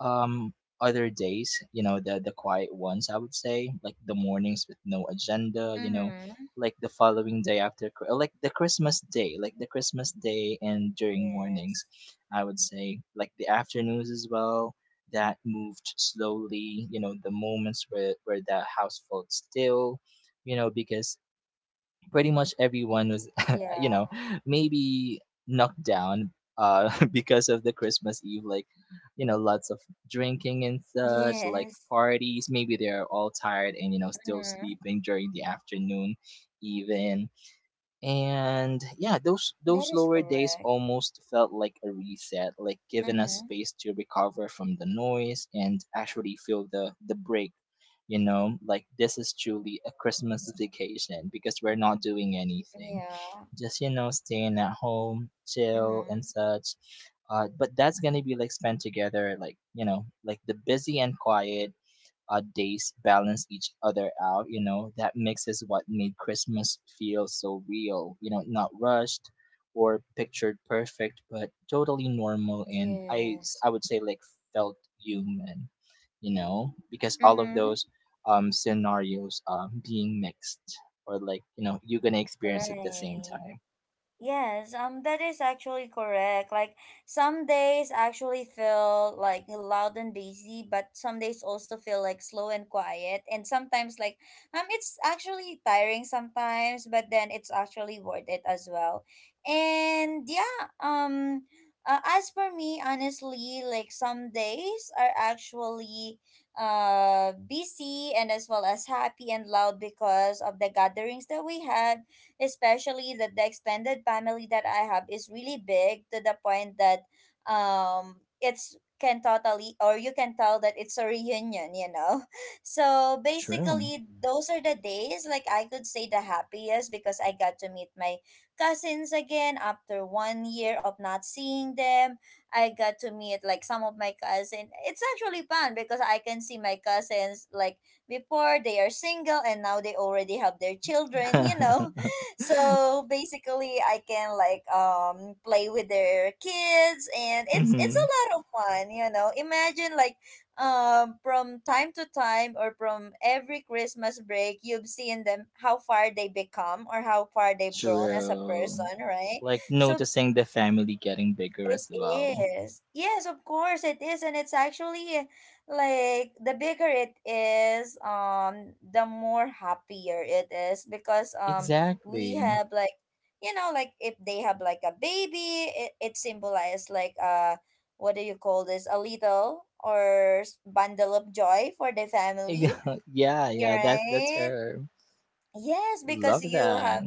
B: um other days, you know, the quiet ones. I would say like the mornings with no agenda. You know,
A: Mm-hmm.
B: like the following day after, like the Christmas day, like the Christmas day and during mornings,
A: Yes.
B: I would say like the afternoons as well. That moved slowly. You know, the moments where the house felt still you know because pretty much everyone was you know
A: Yeah.
B: maybe knocked down because of the Christmas Eve, like you know lots of drinking and such like
A: Yes.
B: parties, maybe they're all tired and you know still
A: Mm-hmm.
B: sleeping during the afternoon even. And yeah, those
A: That
B: those
A: is
B: lower days
A: correct.
B: almost felt like a reset, like giving us
A: Mm-hmm.
B: space to recover from the noise and actually feel the break. You know, like this is truly a Christmas vacation because we're not doing anything,
A: Yeah.
B: just you know staying at home, chill
A: Mm-hmm.
B: and such. But that's gonna be like spent together like you know like the busy and quiet days balance each other out. You know, that mixes what made Christmas feel so real. You know, not rushed or pictured perfect, but totally normal. And
A: Yes.
B: I would say like felt human. You know, because all of
A: Mm-hmm.
B: those scenarios being mixed or like you know you're gonna experience at the same
A: Right.
B: time.
A: Yes, that is actually correct. Like some days actually feel like loud and busy, but some days also feel like slow and quiet. And sometimes like it's actually tiring sometimes, but then it's actually worth it as well. And yeah, as for me, honestly, like some days are actually busy, and as well as happy and loud, because of the gatherings that we have, especially that the extended family that I have is really big, to the point that it's can totally, or you can tell that it's a reunion, you know. So
B: True.
A: basically those are the days like I could say the happiest, because I got to meet my cousins again after one year of not seeing them. I got to meet like some of my cousins. It's actually fun because I can see my cousins like before they are single and now they already have their children, so basically I can like play with their kids and it's
B: Mhm.
A: a lot of fun, you know. Imagine like from time to time or from every Christmas break you've seen them how far they become or how far they've grown as a
B: True.
A: person, right?
B: Like
A: So
B: noticing the family getting bigger
A: it
B: as well.
A: is. Yes, of course it is. And it's actually like the bigger it is, the more happier it is because we
B: Exactly.
A: have like, like if they have like a baby, it symbolizes like what do you call this? A little or bundle of joy for the family.
B: Ex- Yeah,
A: You're
B: yeah, that's the
A: right.
B: term.
A: Yes, because
B: Love
A: you
B: that.
A: have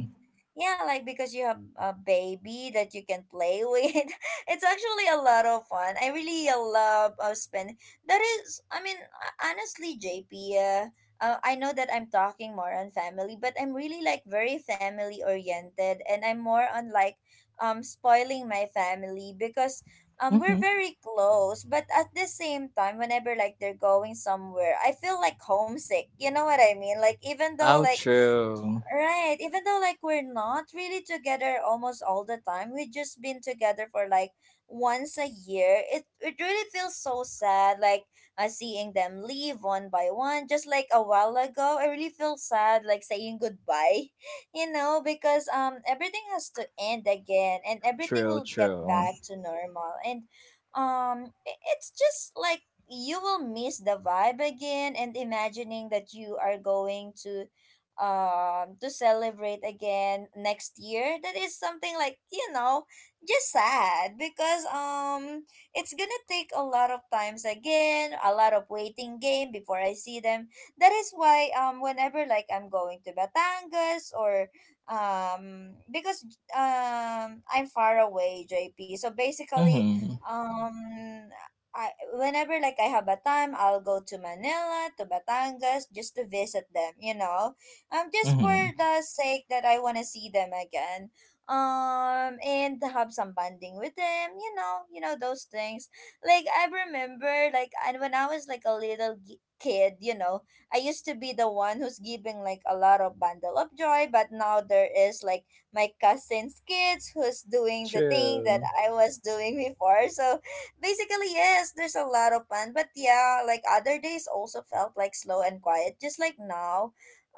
A: yeah, like because you have a baby that you can play with. It's actually a lot of fun. I really love spend. That is, I mean, honestly, JP. Uh, I know that I'm talking more on family, but I'm really like very family oriented, and I'm more on like spoiling my family because we're
B: Mm-hmm.
A: very close. But at the same time, whenever like they're going somewhere, I feel like homesick. You know what I mean? Like even though
B: Oh,
A: like
B: true.
A: right. Even though like we're not really together almost all the time, we just been together for like once a year. It really feels so sad, like seeing them leave one by one. Just like a while ago, I really feel sad, like saying goodbye, you know, because everything has to end again, and everything
B: True,
A: will get
B: true.
A: back to normal. And it's just like you will miss the vibe again, and imagining that you are going to celebrate again next year, that is something like you know just sad because it's gonna take a lot of times again, a lot of waiting game before I see them. That is why whenever like I'm going to Batangas or because I'm far away, JP, so basically
B: Mm-hmm.
A: um I, whenever like I have a time, I'll go to Manila, to Batangas, just to visit them, you know, just for
B: Mm-hmm.
A: the sake that I want to see them again, and have some bonding with them, you know, you know those things. Like I remember like and when I was like a little kid, you know, I used to be the one who's giving like a lot of bundle of joy, but now there is like my cousin's kids who's doing the thing that
B: True.
A: I was doing before. So basically, yes, there's a lot of fun, but yeah, like other days also felt like slow and quiet, just like now.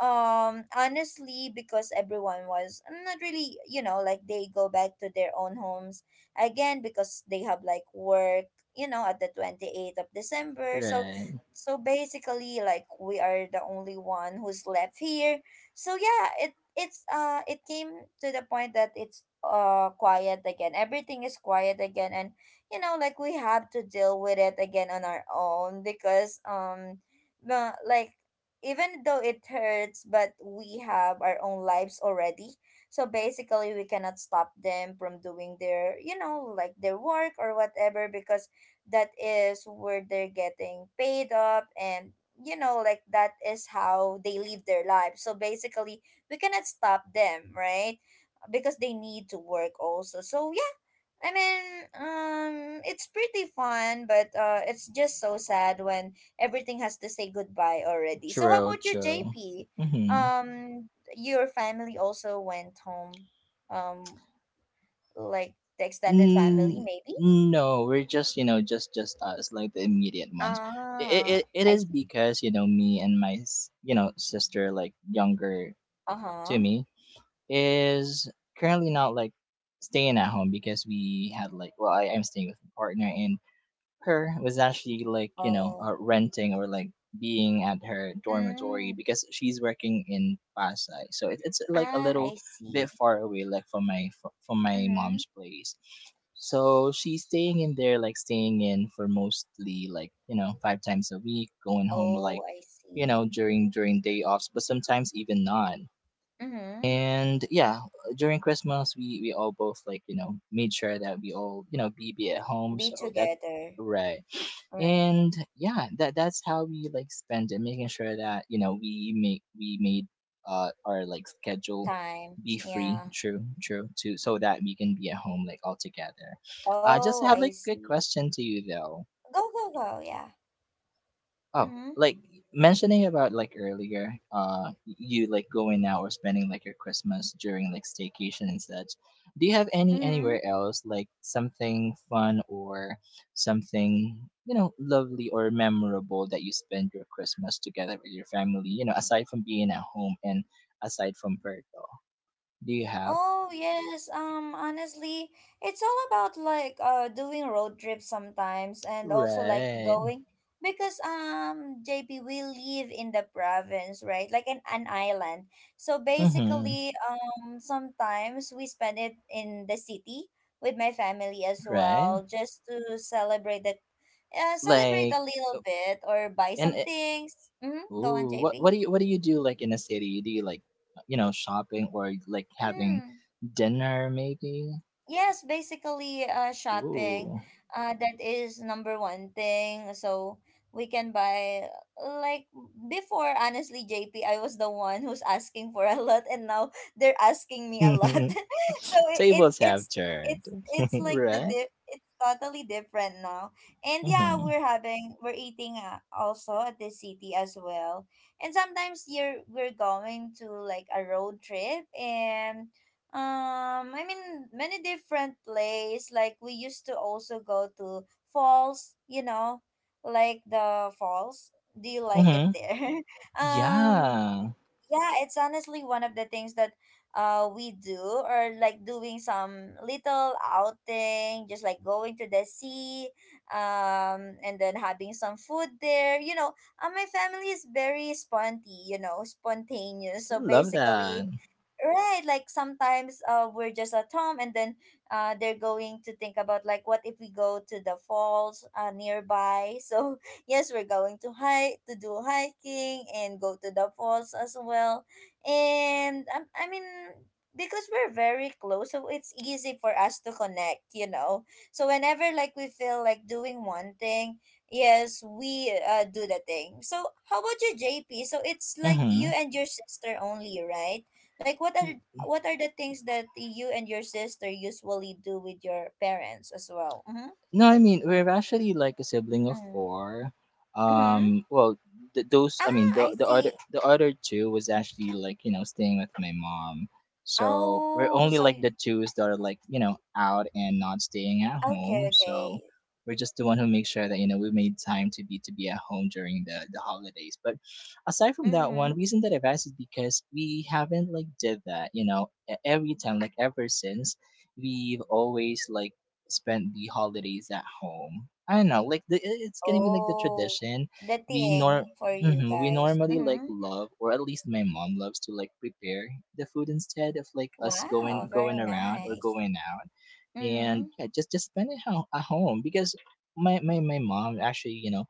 A: Honestly, because everyone was not really, you know, like they go back to their own homes again because they have like work, you know, at the 28th of December. So
B: Right.
A: so basically like we are the only one who's left here. So yeah, it's it came to the point that it's quiet again, everything is quiet again. And you know like we have to deal with it again on our own because like even though it hurts, but we have our own lives already. So basically, we cannot stop them from doing their, you know, like their work or whatever, because that is where they're getting paid up. And you know like that is how they live their lives, so basically we cannot stop them, right? Because they need to work also, so yeah. I mean, it's pretty fun, but it's just so sad when everything has to say goodbye already. So, how
B: True,
A: about you,
B: true.
A: JP?
B: Mm-hmm.
A: Um, your family also went home, um, like the extended family,
B: Mm,
A: maybe?
B: no, we're just, you know, just us, like the immediate ones. It,
A: Ah,
B: it
A: I
B: is
A: see.
B: because, you know, me and you know, sister, like, younger
A: Uh
B: to
A: huh.
B: me, is currently not like staying at home because we had like, well, I am staying with my partner and her was actually like you know
A: Oh.
B: renting or like being at her dormitory
A: Mm.
B: because she's working in Pasay, so it, it's like a
A: Ah,
B: little
A: I see.
B: bit far away like from my
A: Mm-hmm.
B: mom's place, so she's staying in there like staying in for mostly like you know five times a week going home like
A: Oh, I
B: you
A: see.
B: know during day offs but sometimes even not.
A: Mm-hmm.
B: And yeah, during Christmas, we all both like you know made sure that we all you know be at home.
A: Be
B: So that's
A: together.
B: right.
A: Right.
B: And yeah, that that's how we like spend it, making sure that you know we made our like schedule
A: Time.
B: be free.
A: Yeah.
B: True, true. To so that we can be at home like all together. I just
A: Oh,
B: have
A: I
B: like good
A: see.
B: question to you though.
A: Go, go, go. Yeah.
B: Oh,
A: Mm-hmm.
B: like mentioning about like earlier, you like going out or spending like your Christmas during like staycation and such. Do you have any
A: Mm-hmm.
B: anywhere else like something fun or something you know lovely or memorable that you spend your Christmas together with your family? You know, aside from being at home and aside from Berto, do you have
A: Oh, yes. Honestly, it's all about like doing road trips sometimes and also like
B: right?
A: going because JP, we live in the province, right? Like an island. So
B: Mm-hmm.
A: basically, sometimes we spend it in the city with my family as
B: Right.
A: well just to celebrate that, celebrate
B: Like
A: a little bit or buy
B: and
A: some things. Mm-hmm. Go on,
B: ooh, what
A: JP.
B: what do you what do you do like in a city? Do you like you know shopping or like having
A: Mm.
B: dinner maybe?
A: Yes, basically, shopping.
B: Ooh,
A: That is number one thing. So we can buy like before. Honestly, JP, I was the one who's asking for a lot, and now they're asking me a lot. So it, it
B: tables have
A: it's
B: turned,
A: it's it's like the
B: right?
A: it's totally different now. And yeah,
B: Mm-hmm.
A: we're eating also at the city as well. And sometimes you're we're going to like a road trip and, I mean, many different places. Like we used to also go to falls. You know, like the falls. Do you like it
B: Mm-hmm.
A: there? um,
B: Yeah,
A: yeah, it's honestly one of the things that we do, or like doing some little outing, just like going to the sea, and then having some food there. You know, my family is very sponty. You know, spontaneous. So
B: love
A: basically,
B: that.
A: right, like sometimes we're just at home and then they're going to think about like what if we go to the falls nearby. So yes, we're going to hike to do hiking and go to the falls as well. And I mean because we're very close, so it's easy for us to connect, you know. So whenever like we feel like doing one thing, yes, we do the thing. So how about you, JP? So it's like
B: Mm-hmm.
A: you and your sister only, right? Like what are the things that you and your sister usually do with your parents as well? Mm-hmm.
B: No, I mean we're actually like a sibling of
A: Mm.
B: four.
A: Mm-hmm.
B: Well, those, I
A: Ah,
B: mean the
A: I
B: the other
A: see.
B: the other two was actually like you know staying with my mom, so we're
A: Oh,
B: only
A: so
B: like the
A: you-
B: twos that are like you know out and not staying at
A: okay,
B: home. So
A: okay.
B: we're just the one who makes sure that you know we made time to be at home during the holidays. But aside from that one,
A: Mm-hmm.
B: reason that I've asked is because we haven't like did that you know every time, like ever since we've always like spend the holidays at home. I don't know, like the, it's gonna be like the
A: Oh,
B: tradition.
A: the
B: We nor
A: thing for you
B: hmm, we
A: guys.
B: normally like
A: Mm-hmm.
B: love, or at least my mom loves to like prepare the food instead of like us
A: Wow,
B: going
A: very
B: around or
A: nice.
B: going out,
A: Mm-hmm.
B: and yeah, just spend it at home because my mom actually you know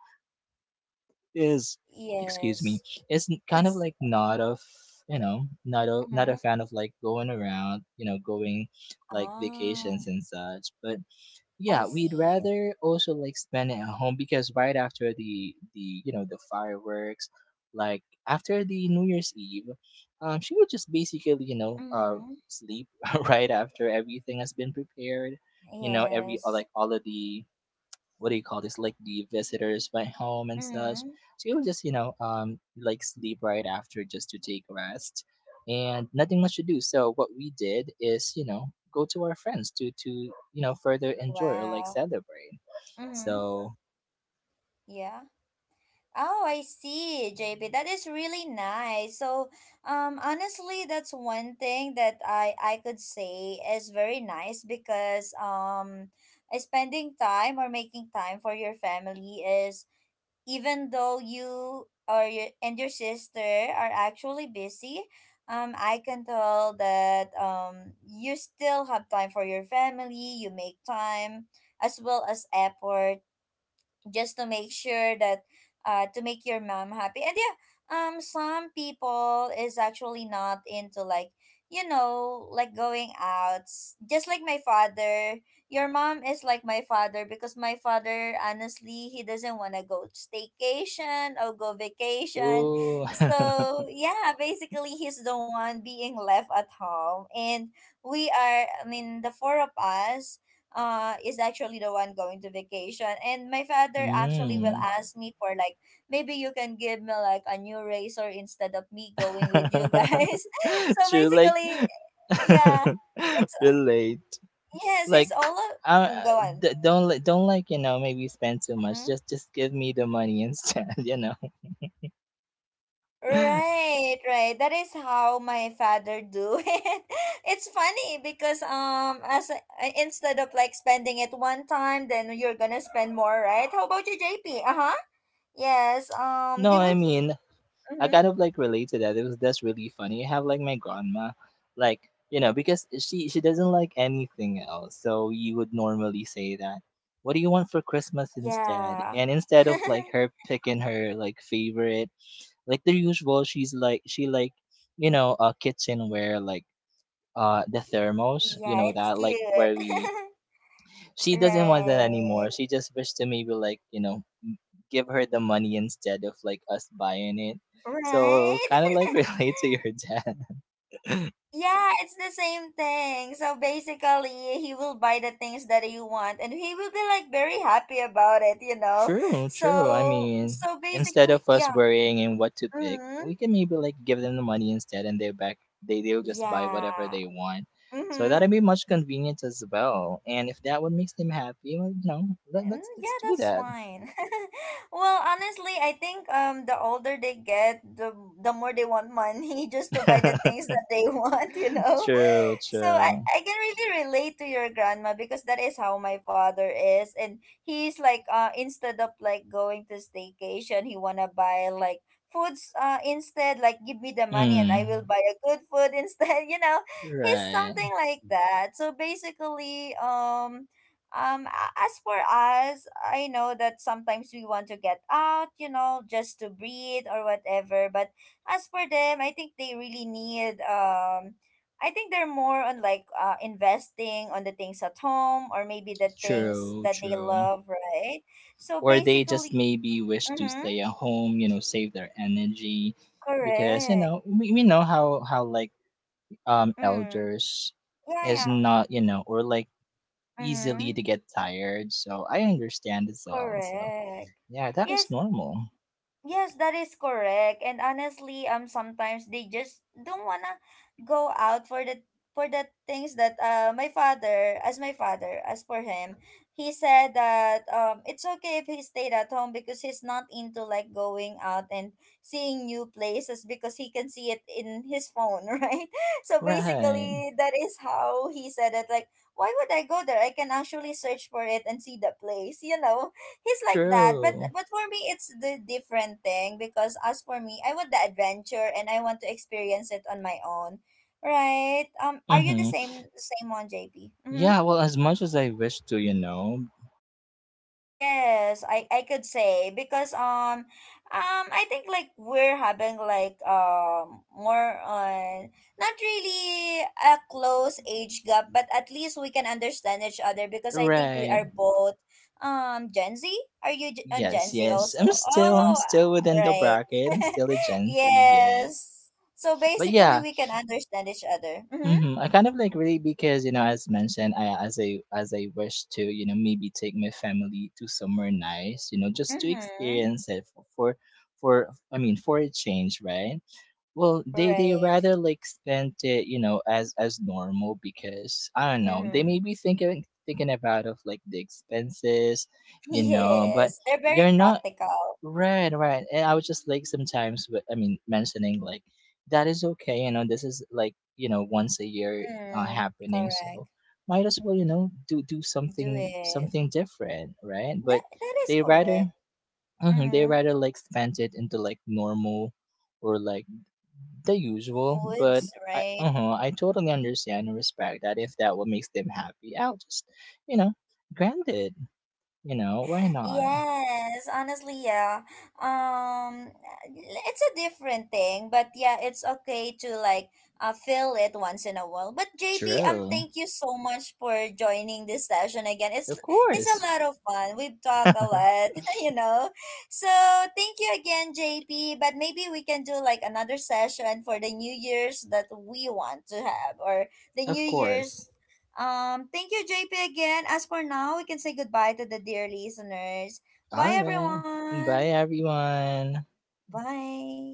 B: is, excuse
A: Yes.
B: me, is kind of
A: It's
B: like not of you know, not a not a
A: mm-hmm.
B: fan of like going around you know going like
A: Ah,
B: vacations and such. But
A: I
B: yeah, we'd
A: see.
B: rather also like spend it at home because right after the you know the fireworks, like after the New Year's Eve, she would just basically you know
A: Mm-hmm.
B: sleep right after everything has been prepared, you know, every
A: Yes.
B: like all of the what do you call this, like the visitors went home and such,
A: Mm-hmm.
B: so you would just you know like sleep right after just to take rest and nothing much to do. So what we did is you know go to our friends to you know further enjoy or like
A: Wow.
B: celebrate.
A: Mm-hmm.
B: So
A: Yeah. Oh, I see, JP. That is really nice. So, honestly, that's one thing that I could say is very nice because, spending time or making time for your family is, even though your and your sister are actually busy, I can tell that you still have time for your family. You make time as well as effort just to make sure that to make your mom happy. And yeah, some people is actually not into like you know like going out, just like my father, your mom is like my father because my father honestly he doesn't want to go staycation or go vacation.
B: ooh
A: So yeah, basically he's the one being left at home. And we are, I mean, the four of us, is actually the one going to vacation. And my father actually will
B: mm.
A: ask me for like maybe you can give me like a new razor instead of me going with you guys. So
B: True, like
A: basically, yeah it's
B: relate
A: yes, it's
B: like
A: all
B: uh,
A: go on.
B: don't li- don't like you know maybe spend too much,
A: Mhm.
B: just give me the money instead you know.
A: Right, right. That is how my father do it. It's funny because as instead of like spending it one time, then you're gonna spend more, right? How about you, JP? Uh-huh. Yes.
B: No,
A: Did we?
B: I mean, I
A: Mm-hmm.
B: kind of like relate to that. It was, that's really funny. I have like my grandma, like you know, because she doesn't like anything else. So you would normally say that, "What do you want for Christmas instead?"
A: Yeah.
B: And instead of like her picking her like favorite, like the usual, she's like she like you know a kitchenware like the thermos, you
A: Yeah,
B: know
A: it's
B: that like where
A: cute.
B: we, she doesn't want that
A: Right.
B: anymore. She just wished to maybe like you know give her the money instead of like us buying it. So
A: Right.
B: kind of like relate to your dad.
A: Yeah, it's the same thing. So basically, he will buy the things that you want and he will be like very happy about it, you know.
B: True, true. I
A: So
B: mean,
A: so
B: instead
A: basically,
B: of us
A: yeah.
B: worrying and what to pick, we
A: Mhm.
B: can maybe like give them the money instead, and they they'll just buy whatever
A: Yeah.
B: they want. So
A: Mhm.
B: that'd be much convenient as well. And if that would make them happy, well, you know,
A: Mm,
B: let's
A: yeah,
B: do
A: that's
B: that.
A: fine. Well, honestly, I think the older they get, the more they want money just to buy the things that they want, you know.
B: True,
A: So
B: true.
A: I can really relate to your grandma because that is how my father is. And he's like instead of like going to staycation, he wanna buy like foods instead, like give me the money and I will
B: Mm,
A: buy a good food instead, you know. He's something
B: right.
A: like that. So basically, as for us, I know that sometimes we want to get out, you know, just to breathe or whatever. But as for them, I think they really need, I think they're more on like investing on the things at home or maybe the things
B: True,
A: that they
B: true.
A: love, right? So
B: Or they just
A: basically,
B: maybe wish to
A: mm-hmm,
B: stay at home, you know, save their energy because you
A: correct.
B: know we know how like
A: Mm,
B: elders
A: yeah,
B: is
A: yeah.
B: not you know or like easily
A: Mm-hmm,
B: to get tired. So I understand as well. So
A: correct.
B: yeah, that is
A: Yes,
B: normal.
A: yes, that is correct. And honestly, sometimes they just don't wanna go out for the things that my father, as for him, he said that it's okay if he stayed at home because he's not into like going out and seeing new places because he can see it in his phone, right? So
B: Right.
A: basically, that is how he said it. Like, why would I go there? I can actually search for it and see the place, you know, he's like that.
B: True.
A: But for me, it's the different thing because as for me, I want the adventure and I want to experience it on my own, right? Are you the
B: Mm-hmm.
A: same one, JP? Mm-hmm.
B: Yeah. Well, as much as I wish to, you know.
A: Yes, I could say because I think like we're having like more on not really a close age gap, but at least we can understand each other because I think we
B: Right.
A: are both Gen Z. Are you G- on
B: Yes.
A: Gen Z
B: Yes.
A: also?
B: I'm
A: Oh,
B: still within the
A: right.
B: bracket. I'm still a Gen Z. Yes.
A: Yes. So
B: But
A: basically,
B: yeah,
A: we can understand each other. Mm-hmm.
B: hmm, I kind of like really because you know, as mentioned, I wish to you know maybe take my family to somewhere nice, you know, just to
A: Mm-hmm.
B: experience it for, I mean for a change, right? Well, they
A: Right.
B: rather like spend it you know as normal because I don't know, they
A: Mm-hmm.
B: may be thinking about of like the expenses, you know, but
A: Yes, they're
B: you're
A: very
B: not
A: practical.
B: right, right. And I would just like sometimes, but I mean, mentioning like that is okay. You know, this is like you know once a year
A: Mm,
B: happening,
A: correct.
B: so might as well you know do do
A: Do
B: something
A: it.
B: different, right? But
A: That that is
B: they rather
A: correct.
B: mhm, they
A: Mm-hmm.
B: rather like spent it into like normal or like the usual. But
A: Foods,
B: I
A: right?
B: uh I totally understand and respect that if that what makes them happy, I'll just you know grant it. You know why not?
A: Yes, honestly, yeah. Um, it's a different thing, but yeah, it's okay to like feel it once in a while. But JP,
B: True,
A: thank you so much for joining this session again. It's
B: of
A: it's a
B: course.
A: lot of fun. We've talked a lot, you know. So thank you again, JP. But maybe we can do like another session for the New Year's that we want to have, or the New
B: Of course.
A: Year's, thank you, JP, again. As for now, we can say goodbye to the dear listeners.
B: All
A: Bye,
B: right.
A: everyone.
B: Bye, everyone.
A: Bye.